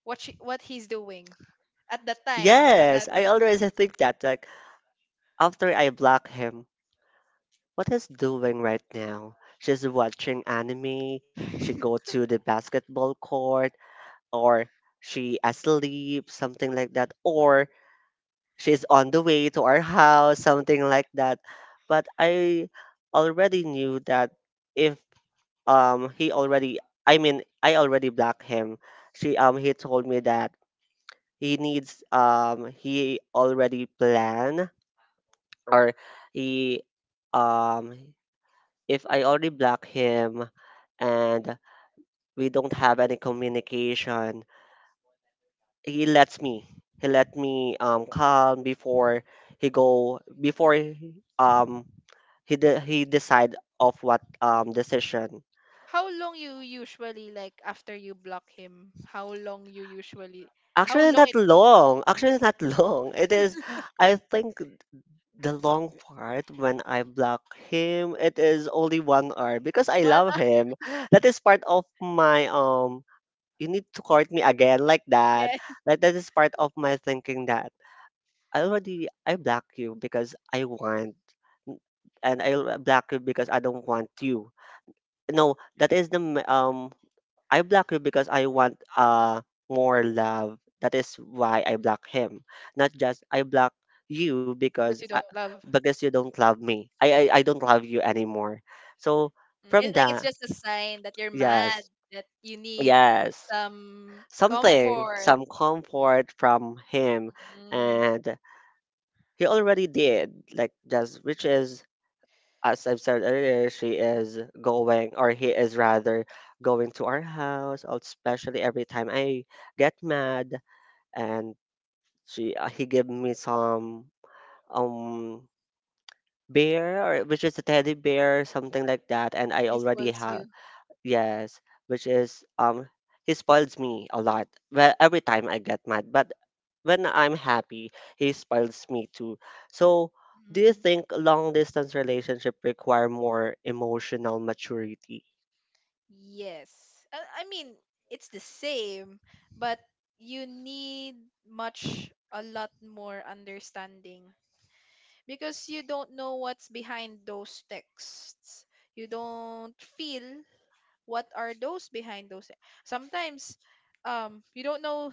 Speaker 2: what she what he's doing at the time that...
Speaker 1: yes, I always think that like after I block him, what is doing right now? She's watching anime, she
Speaker 2: Mm.
Speaker 1: go to the basketball court, or she asleep, something like that, or she's on the way to our house, something like that. But I already knew that if, um he already, I mean I already blocked him. She um he told me that he needs, um he already plan or he, um if I already block him and we don't have any communication, he lets me. He let me um calm before he go before he, um he de- he decide of what um decision.
Speaker 2: How long you usually, like after you block him? How long you usually? How
Speaker 1: Actually,
Speaker 2: long
Speaker 1: not
Speaker 2: it took?
Speaker 1: long. Actually, not long. It is. I think the long part when I block him, it is only one hour because I
Speaker 2: One hour.
Speaker 1: love him. That is part of my um. You need to court me again, like that.
Speaker 2: Yes,
Speaker 1: Like that is part of my thinking that I already I block you because I want, and I l- block you because I don't want you. No, that is the m- um I block you because I want uh more love. That is why I block him. Not just I block you because
Speaker 2: because you
Speaker 1: I,
Speaker 2: don't love.
Speaker 1: because you don't love me. I, I I don't love you anymore. So
Speaker 2: Mm,
Speaker 1: from
Speaker 2: it's like it's
Speaker 1: that,
Speaker 2: just a sign that you're mad,
Speaker 1: yes.
Speaker 2: that you need
Speaker 1: Yes.
Speaker 2: some
Speaker 1: Something,
Speaker 2: comfort.
Speaker 1: some comfort from him.
Speaker 2: Mm.
Speaker 1: And he already did, like just which is as I've said earlier, she is going, or he is rather, going to our house, especially every time I get mad, and she uh, he give me some um bear, or which is a teddy bear, something like that, and I
Speaker 2: He
Speaker 1: already
Speaker 2: spoils
Speaker 1: have
Speaker 2: you.
Speaker 1: yes which is, um he spoils me a lot, well every time I get mad, but when I'm happy, he inspires me too. So, do you
Speaker 2: Hmm.
Speaker 1: think long distance relationship require more emotional maturity?
Speaker 2: Yes. I, I mean, it's the same, but you need much, a lot more understanding, because you don't know what's behind those texts. You don't feel what are those behind those. te- Sometimes, um, you don't know,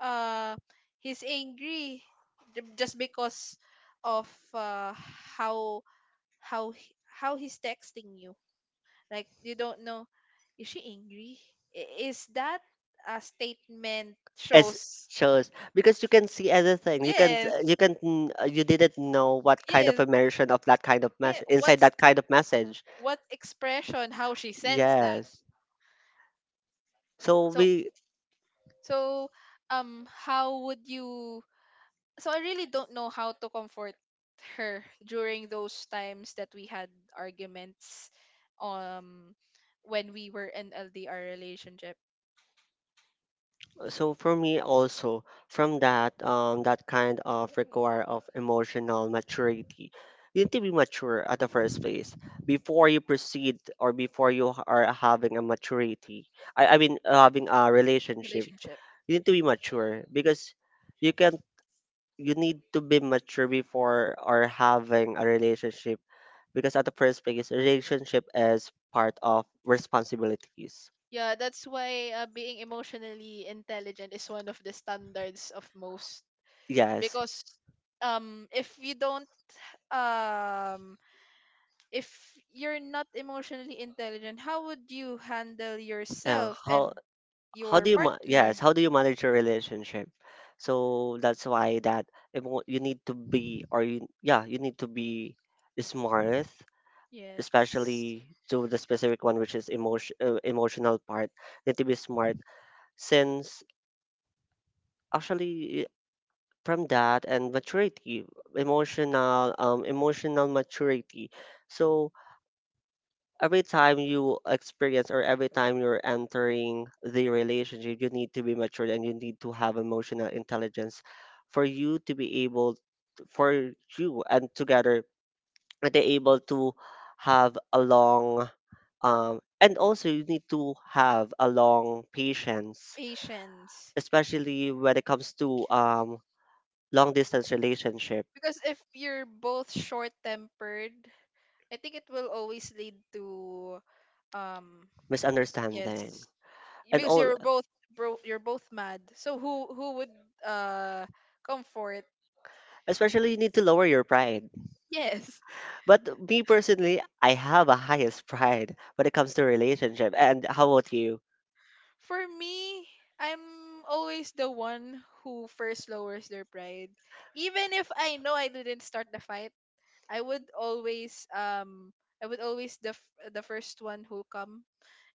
Speaker 2: uh, he's angry, j- just because of uh, how how he- how he's texting you, like, you don't know, is she angry? I- Is that a statement
Speaker 1: As
Speaker 2: shows?
Speaker 1: shows, because you can see everything. You can,
Speaker 2: Yes,
Speaker 1: you can mm, uh, you didn't know what kind of
Speaker 2: yes,
Speaker 1: immersion of that kind of
Speaker 2: yeah.
Speaker 1: message inside
Speaker 2: What's
Speaker 1: that kind of message.
Speaker 2: what expression? How she sends that?
Speaker 1: Yes. So
Speaker 2: So
Speaker 1: we
Speaker 2: so um how would you, so I really don't know how to comfort her during those times that we had arguments, um when we were in L D R relationship
Speaker 1: so for me also, from that, um that kind of require of emotional maturity, you need to be mature at the first place before you proceed, or before you h- are having a maturity, i, I mean having a relationship.
Speaker 2: relationship.
Speaker 1: You need to be mature because you can, you need to be mature before or having a relationship, because at the first place relationship is part of responsibilities.
Speaker 2: Yeah, that's why uh, being emotionally intelligent is one of the standards of most,
Speaker 1: Yes.
Speaker 2: because um if you don't um if you're not emotionally intelligent, how would you handle
Speaker 1: Uh,
Speaker 2: yourself
Speaker 1: how
Speaker 2: and
Speaker 1: how
Speaker 2: your
Speaker 1: do you ma- yes,
Speaker 2: partner?
Speaker 1: how do you manage your relationship? So that's why that emo- you need to be, or you, yeah you need to be smart,
Speaker 2: Yes.
Speaker 1: especially to the specific one which is emotion uh, emotional part. Need to be smart since actually i- from that and maturity, emotional um emotional maturity. So every time you experience or every time you're entering the relationship, you need to be mature and you need to have emotional intelligence for you to be able, for you and together, and they able to have a long, um, and also you need to have a long patience,
Speaker 2: Patience.
Speaker 1: especially when it comes to, um, long distance relationship,
Speaker 2: Because if you're both short-tempered, I think it will always lead to, um
Speaker 1: misunderstanding.
Speaker 2: yes,
Speaker 1: And
Speaker 2: because
Speaker 1: all,
Speaker 2: you're both bro you're both mad, so who who would uh comfort.
Speaker 1: especially you need to lower your pride.
Speaker 2: Yes.
Speaker 1: But me personally, I have a highest pride when it comes to relationship. And how about you?
Speaker 2: For me, I'm always the one who first lowers their pride, even if I know I didn't start the fight. I would always, um i would always the f- the first one who'll come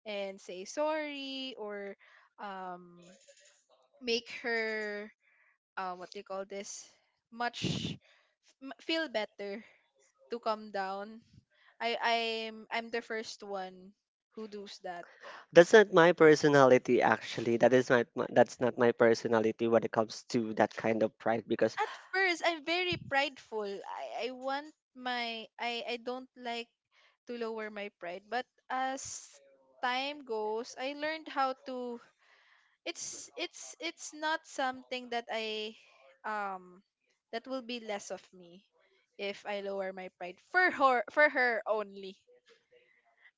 Speaker 2: and say sorry, or, um make her, uh, what do you call this, much, m- feel better, to calm down. I I'm I'm the first one who does that.
Speaker 1: That's not my personality actually. That is not my, that's not my personality when it comes to that kind of pride because,
Speaker 2: At first, I'm very prideful. I I want my. I I don't like to lower my pride, but as time goes, I learned how to. It's it's it's not something that I, um that will be less of me if I lower my pride for her for her only.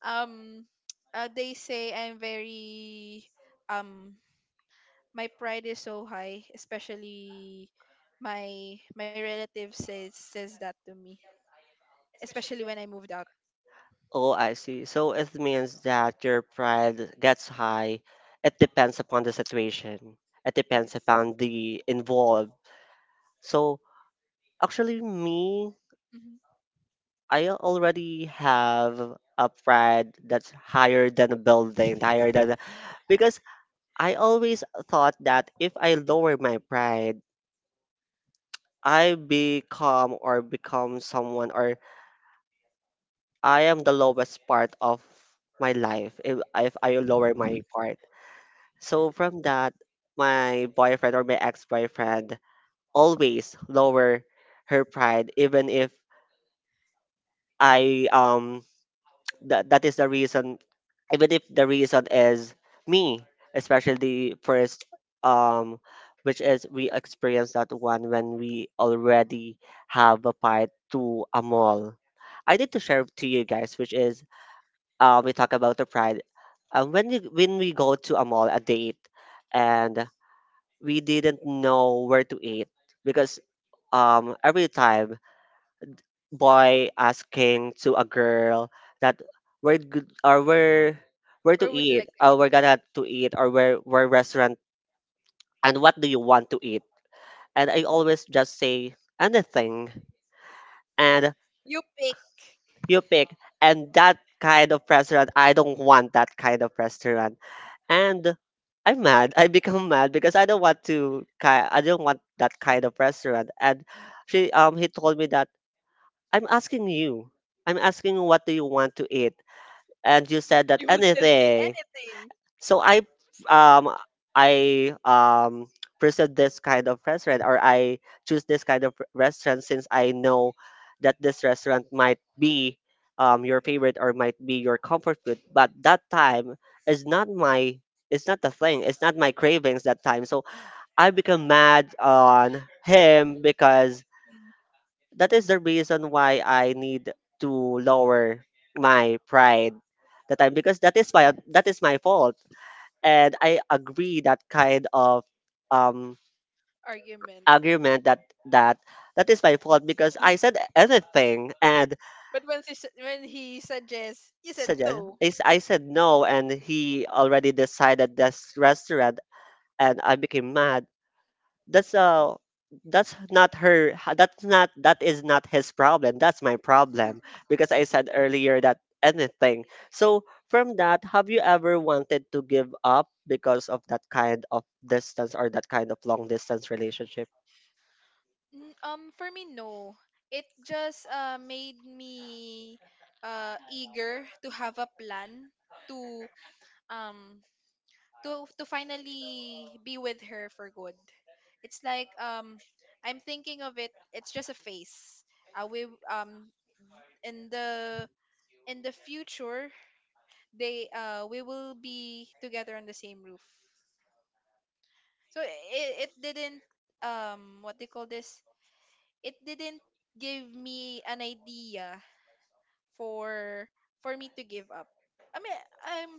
Speaker 2: Um uh, they say I'm very, um my pride is so high, especially my my relative says says that to me, especially when I moved out.
Speaker 1: oh, I see. So it means that your pride gets high. It depends upon the situation. It depends
Speaker 2: Yes.
Speaker 1: upon the involved. So actually me,
Speaker 2: Hmm.
Speaker 1: I already have a pride that's higher than a building, higher than a, because I always thought that if I lower my pride, I become, or become someone, or I am the lowest part of my life if, if I lower my part. So from that, my boyfriend or my ex-boyfriend always lower her pride, even if I, um that that is the reason, even if the reason is me, especially the first, um which is we experience that one when we already have a fight to a mall. I need to share to you guys, which is, uh we talk about the pride, uh, when we, when we go to a mall, a date, and we didn't know where to eat, because um every time boy asking to a girl that where good, or where where to
Speaker 2: Where would you
Speaker 1: eat,
Speaker 2: like to eat?
Speaker 1: or we're gonna to eat, or where where restaurant, and what do you want to eat? And I always just say anything, and
Speaker 2: You pick.
Speaker 1: you pick. And that kind of restaurant, I don't want that kind of restaurant. And I'm mad. I become mad because I don't want to ki- I don't want that kind of restaurant. And she um he told me that I'm asking you. I'm asking you, what do you want to eat? And you said that
Speaker 2: You will still say
Speaker 1: anything.
Speaker 2: anything.
Speaker 1: so I um I um pursued this kind of restaurant, or I choose this kind of r- restaurant, since I know that this restaurant might be um your favorite or might be your comfort food. But that time is not my it's not the thing it's not my cravings that time, so I become mad on him, because
Speaker 2: Mm.
Speaker 1: that is the reason why I need to lower my pride that time, because that is my that is my fault. And I agree that kind of um
Speaker 2: Argument.
Speaker 1: argument, that that that is my fault because I said anything. And
Speaker 2: But when she, su- when he suggests, you said
Speaker 1: suggest
Speaker 2: no.
Speaker 1: is I said no, and he already decided this restaurant, and I became mad. that's uh that's not her h- that's not that is not his problem, that's my problem, because I said earlier that anything. So from that, have you ever wanted to give up because of that kind of distance or that kind of long distance relationship?
Speaker 2: N- Um, for me, no. It just uh made me uh eager to have a plan, to um to to finally be with her for good. It's like, um I'm thinking of it. It's just a phase. Uh, we um in the in the future, they uh we will be together on the same roof. So it it didn't, um what they call this. It didn't give me an idea, for for me to give up. I mean, I'm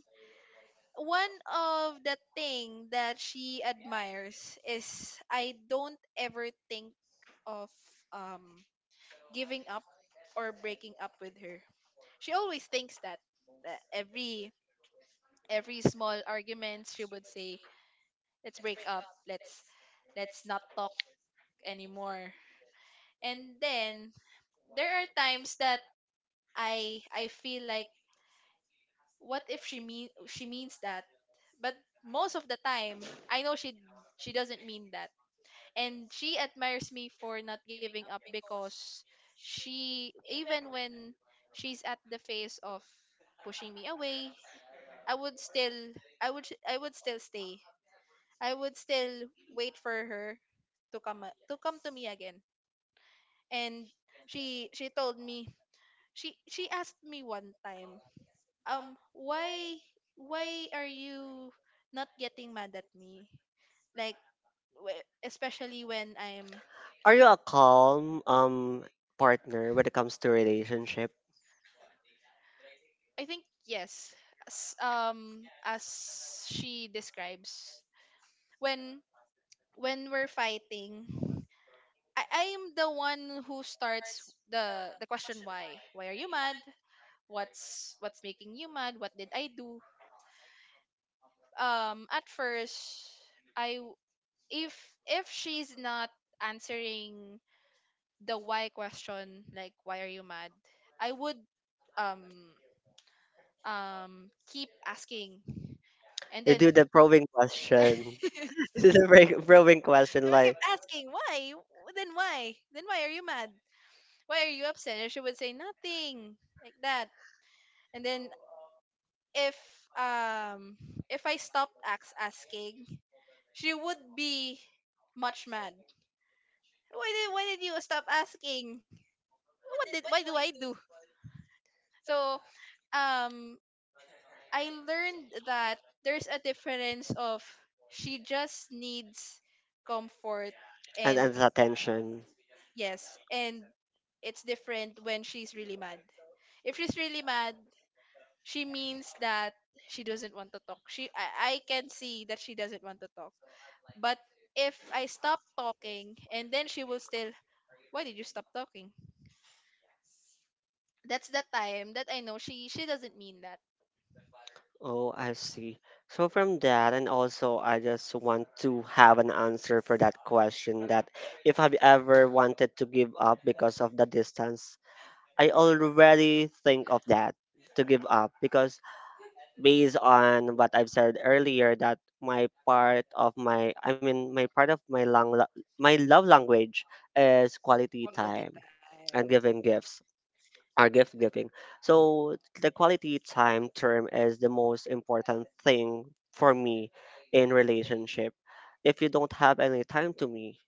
Speaker 2: one of the thing that she admires is I don't ever think of, um giving up or breaking up with her. She always thinks that, that every every small argument she would say, "Let's break up. Let's let's not talk anymore." And then there are times that I I feel like, what if she mean she means that? But most of the time, I know she she doesn't mean that, and she admires me for not giving up, because she, even when she's at the phase of pushing me away, I would still, I would, I would still stay, I would still wait for her to come a- to come to me again. And she she told me, she she asked me one time, um why why are you not getting mad at me, like, wh- especially when I'm.
Speaker 1: Are you a calm um partner when it comes to relationship?
Speaker 2: I think yes. As, um as she describes, when when we're fighting, I I am the one who starts the the question, why? Why are you mad? What's what's making you mad? What did I do? Um at first, I w- if if she's not answering the why question, like, why are you mad? I would um um keep asking. And
Speaker 1: You
Speaker 2: then
Speaker 1: do the probing
Speaker 2: I
Speaker 1: question. This is a very probing question,
Speaker 2: would
Speaker 1: like.
Speaker 2: keep asking, why? W- Then why? Then why are you mad? Why are you upset? And she would say nothing like that. And then, if um if I stopped ax- asking, she would be much mad. Why did why did you stop asking? What did why do I do? So, um I learned that there's a difference of, she just needs comfort,
Speaker 1: and
Speaker 2: and.
Speaker 1: and the attention.
Speaker 2: Yes, and it's different when she's really mad. If she's really mad, she means that she doesn't want to talk. She I, I can see that she doesn't want to talk. But if I stop talking and then she will still, why did you stop talking? That's the time that I know she she doesn't mean that.
Speaker 1: Oh, I see. So from that, and also I just want to have an answer for that question, that if I've ever wanted to give up because of the distance, I already think of that to give up, because based on what I've said earlier, that my part of my I mean my part of my lang- my love language is quality
Speaker 2: Quality
Speaker 1: time
Speaker 2: time.
Speaker 1: and giving gifts. Are gift giving. So the quality time term is the most important thing for me in relationship. If you don't have any time to me,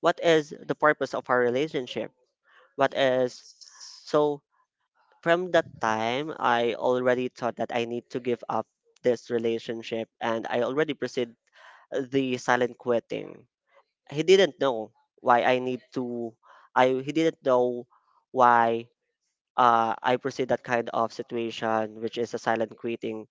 Speaker 1: what is the purpose of our relationship? What is So from that time, I already thought that I need to give up this relationship, and I already proceed the silent quitting. He didn't know why I need to I he didn't know why, uh, I proceed that kind of situation, which is a silent quitting.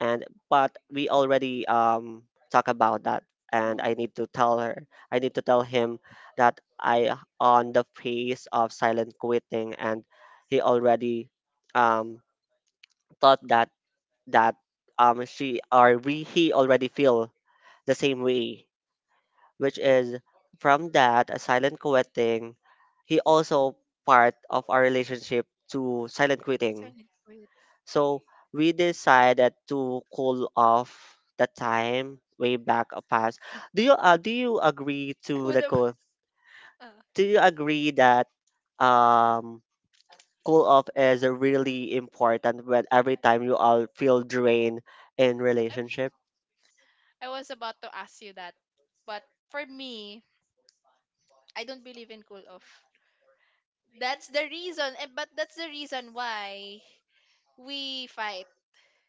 Speaker 1: And but we already um talk about that, and I
Speaker 2: Mm.
Speaker 1: need to tell her, I need to tell him that I on the phase of silent quitting, and he already um thought that that um she or we he already feel the same way, which is, from that a silent quitting, he also part of our relationship to silent quitting.
Speaker 2: Silent quit.
Speaker 1: So we decided to cool off the time, way back a past. Do you uh, do you agree
Speaker 2: I
Speaker 1: to
Speaker 2: would
Speaker 1: the
Speaker 2: have.
Speaker 1: cool?
Speaker 2: Uh,
Speaker 1: Do you agree that um cool off is really important, when every time you all feel drained in relationship?
Speaker 2: I was about to ask you that. But for me, I don't believe in cool off. That's the reason, eh, but that's the reason why we fight.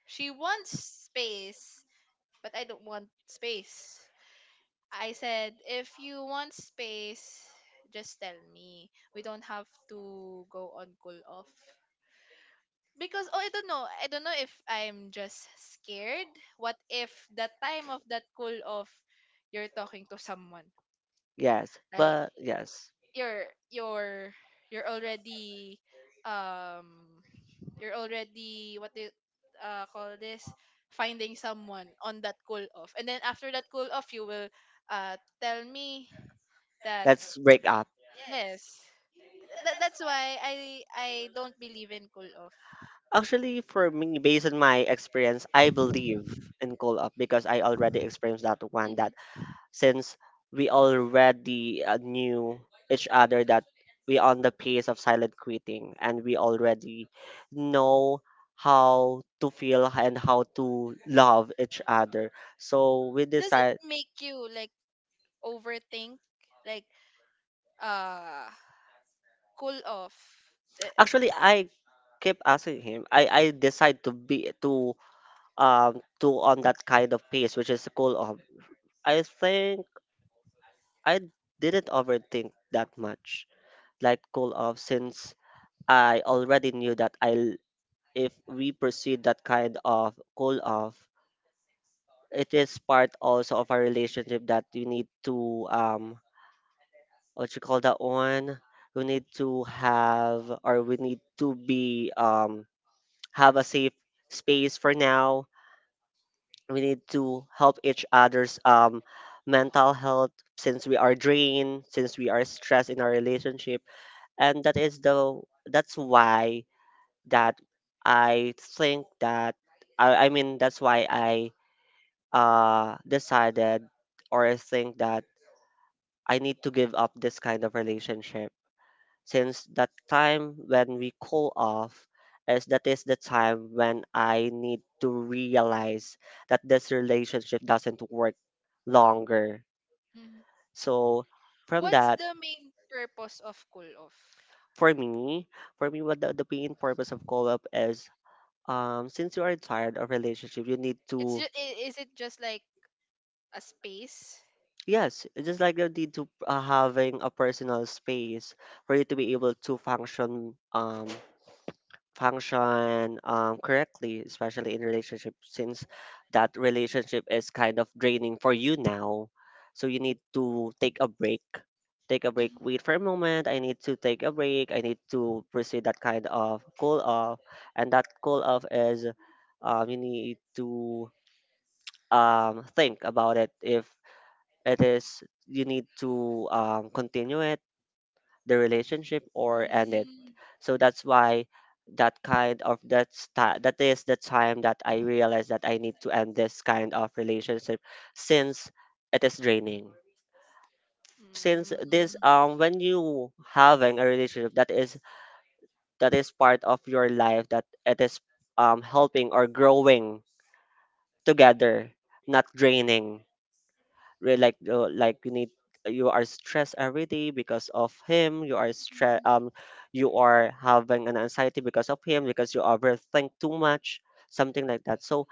Speaker 2: She wants space, but I don't want space. I said, if you want space, just tell me. We don't have to go on cool off. Because, oh, I don't know. I don't know if I'm just scared. What if the time of that cool off, you're talking to someone?
Speaker 1: Yes,
Speaker 2: Like.
Speaker 1: but yes.
Speaker 2: you're you're you're already, um you're already, what they uh call this, finding someone on that cool off, and then after that cool off you will uh tell me that.
Speaker 1: Let's break up.
Speaker 2: Yes. That, that's why i i don't believe in cool off.
Speaker 1: Actually, for me, based on my experience, I believe in call up because I already experienced that one.
Speaker 2: Hmm.
Speaker 1: That since we already uh, knew each other, that we on the pace of silent quitting, and we already know how to feel and how to love each other. So we
Speaker 2: Does it
Speaker 1: decide.
Speaker 2: make you like overthink, like, uh cool off?
Speaker 1: Actually, I keep asking him. I I decide to be to um do on that kind of pace, which is cool of. I think I didn't overthink that much, like cool off, since I already knew that I'll if we pursue that kind of cool off, it is part also of our relationship that we need to. um what you call that one? We need to have, or we need to be um have a safe space for now. We need to help each other's um mental health, since we are drained, since we are stressed in our relationship. And that is the, that's why, that I think that I, I mean, that's why I uh decided, or I think that I need to give up this kind of relationship, since that time when we cool off is, that is the time when I need to realize that this relationship doesn't work longer. So from
Speaker 2: What's
Speaker 1: that,
Speaker 2: the main purpose of cool off?
Speaker 1: for me, for me, what the, the main purpose of call up is, um, since you are tired of relationship, you need
Speaker 2: It's
Speaker 1: to.
Speaker 2: just, is it just like a space?
Speaker 1: Yes, it's just like you need to, uh, having a personal space for you to be able to function um function, um, correctly, especially in relationship, since that relationship is kind of draining for you now. So you need to take a break. Take a break.
Speaker 2: Mhm.
Speaker 1: Wait for a moment. I need to take a break. I need to pursue that kind of call off, and that call off is, um, you need to, um, think about it. If it is, you need to, um, continue it, the relationship, or end it.
Speaker 2: Mm.
Speaker 1: So that's why that kind of, that's ti- that is the time that I realized that I need to end this kind of relationship, since it is draining. Since this,
Speaker 2: Mm.
Speaker 1: um when you having a relationship that is that is part of your life, that it is um helping or growing together, not draining. Re- like, uh, like, you need, you are stressed every day because of him. You are stress, um you are having an anxiety because of him, because you overthink too much, something like that. So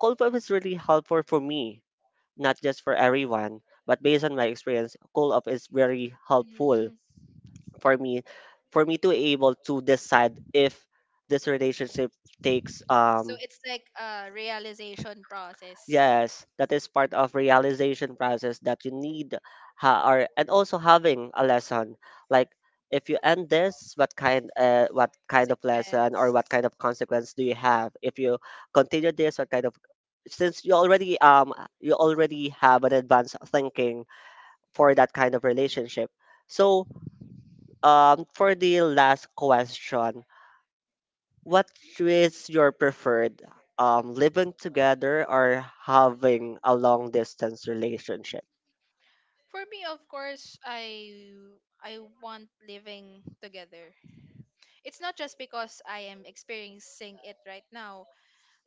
Speaker 1: cold pop is really helpful for me, not just for everyone, but based on my experience, cold pop is very helpful
Speaker 2: Mm.
Speaker 1: for me, for me to be able to decide if this relationship takes um
Speaker 2: So it's like a realization process.
Speaker 1: yes, that is part of realization process, that you need. Ha- or and also having a lesson, like, if you end this, what kind, uh, what kind of lesson,
Speaker 2: Sequence.
Speaker 1: or what kind of consequence do you have if you continue this, what kind of? Since you already, um you already have an advanced thinking for that kind of relationship. So, um, for the last question, what is your preferred? Um, living together, or having a long distance relationship?
Speaker 2: For me, of course, I I want living together. It's not just because I am experiencing it right now,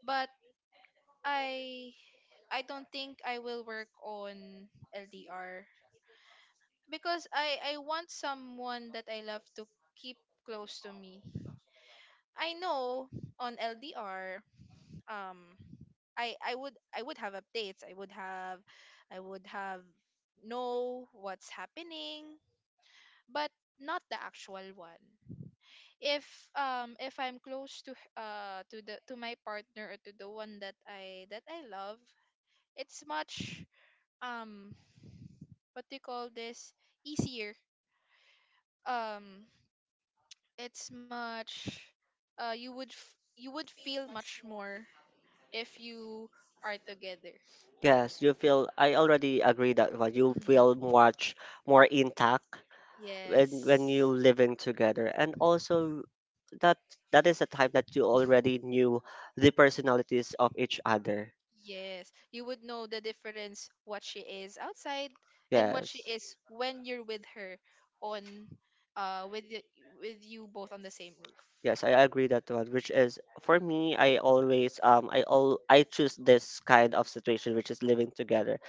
Speaker 2: but I I don't think I will work on L D R, because I I want someone that I love to keep close to me. I know, on L D R, um I I would I would have updates. I would have I would have know what's happening, but not the actual one. If um if I'm close to h- uh to the to my partner, or to the one that I that I love, it's much, um what do you call this, easier. Um it's much, uh you would f- you would feel much more if you are together.
Speaker 1: Yes, you feel. I already agree that one. You feel
Speaker 2: Mhm.
Speaker 1: much more intact when when you
Speaker 2: Yes.
Speaker 1: living together, and also that that is a time that you already knew the personalities of each other.
Speaker 2: Yes, you would know the difference, what she is outside and what she
Speaker 1: Yes.
Speaker 2: is when you're with her, on uh with the, with you both on the same roof.
Speaker 1: Yes, I agree that one, which is, for me, I always um I all I choose this kind of situation, which is living together.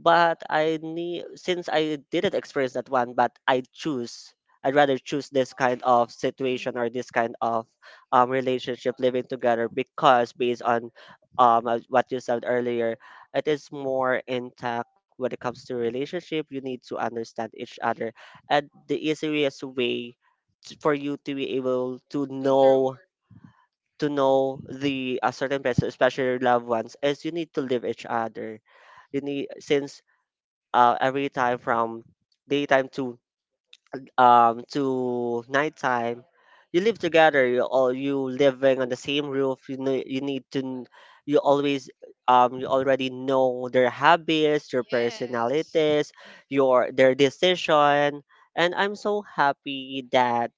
Speaker 1: But I need, since I didn't experience that one, but I choose. I'd rather choose this kind of
Speaker 2: Mm.
Speaker 1: situation or this kind of, um, relationship, living together, because based on um uh, what you said earlier, it is more intact when it comes to relationship. You need to understand each other, and the easiest way t- for you to be able to
Speaker 2: To learn.
Speaker 1: know to know the, a certain person, especially your loved ones, is you need to live each other. You need, since, uh, every time from daytime to, um to nighttime. You live together. You all you living on the same roof. You know you need to. kn- You always, um you already know their habits, their
Speaker 2: Yes.
Speaker 1: personalities, your their decision. And I'm so happy that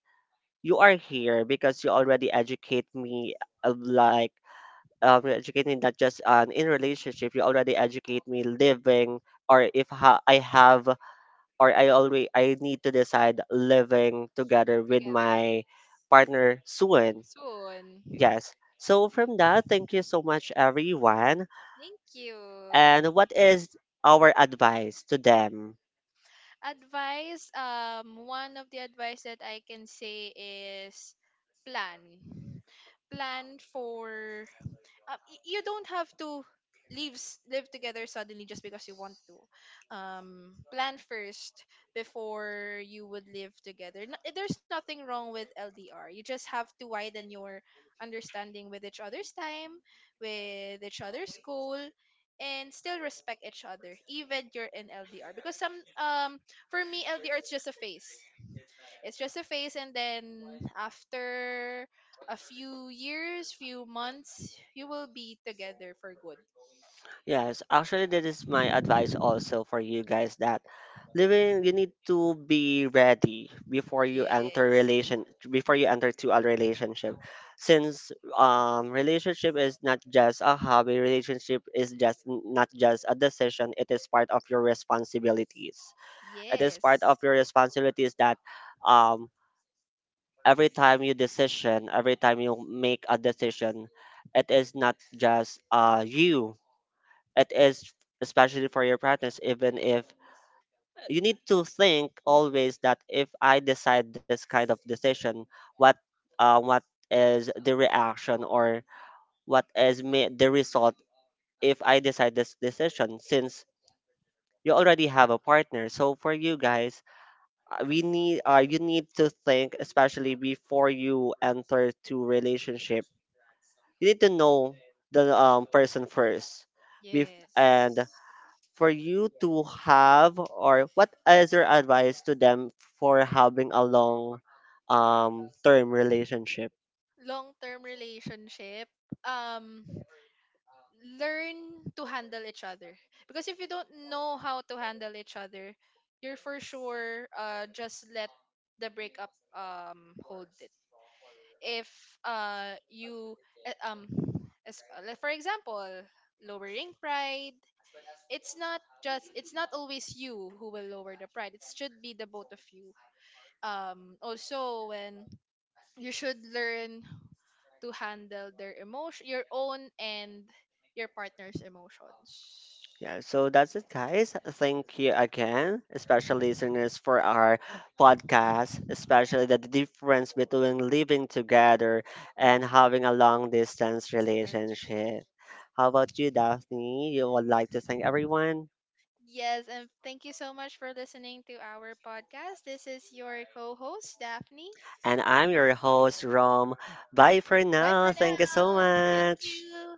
Speaker 1: you are here, because you already educate me, uh, like, um you educate me, not just on in relationship, you already educate me living, or if ha- I have, or I always, I need to decide living together with
Speaker 2: Together.
Speaker 1: my partner soon.
Speaker 2: Soon.
Speaker 1: Yes. So from that, thank you so much everyone.
Speaker 2: Thank you.
Speaker 1: And what is our advice to them?
Speaker 2: Advice, um, one of the advice that I can say is plan. Plan for, um, y- you don't have to leave s- live together suddenly, just because you want to, um plan first before you would live together. N- there's nothing wrong with L D R. You just have to widen your understanding with each other's time, with each other's goal, and still respect each other, even you're in L D R, because some, um for me, L D R is just a phase. It's just a phase, and then after a few years, few months, you will be together for good.
Speaker 1: Yes, actually, that is my advice also for you guys. That living, you need to be ready before you enter
Speaker 2: Yes.
Speaker 1: relation before you enter to a relationship, since, um relationship is not just a hobby. Relationship is just, n- not just a decision, it is part of your responsibilities. It is part
Speaker 2: Yes.
Speaker 1: of your responsibilities that, um every time you decision, every time you make a decision, it is not just, uh you, it is, especially for your practice, even if you need to think always that if I decide this kind of decision, what, uh, what is the reaction, or what is may, the result, if I decide this decision, since you already have a partner. So for you guys, uh, we need uh, you need to think, especially before you enter to relationship. You need to know the, um, person first. Bef- and
Speaker 2: Yes.
Speaker 1: for you to have, or what is your advice to them for having a long, um, term relationship?
Speaker 2: Long term relationship. Um, Learn to handle each other, because if you don't know how to handle each other, you're for sure, uh just let the breakup, um hold it. If, uh you, eh, um as, uh, like, for example, lowering pride. It's not just, it's not always you who will lower the pride, it should be the both of you. Um also, when, you should learn to handle their emotion, your own and your partner's emotions.
Speaker 1: Yeah, so that's it, guys. Thank you again, especially listeners, for our podcast, especially the difference between living together and having a long distance
Speaker 2: Distance.
Speaker 1: relationship. How about you, Daphne? You would like to thank everyone?
Speaker 2: Yes, and thank you so much for listening to our podcast. This is your co-host Daphne.
Speaker 1: And I'm your host, Rom. Bye for
Speaker 2: Bye for
Speaker 1: now. Thank you so
Speaker 2: now. Thank
Speaker 1: much.
Speaker 2: you.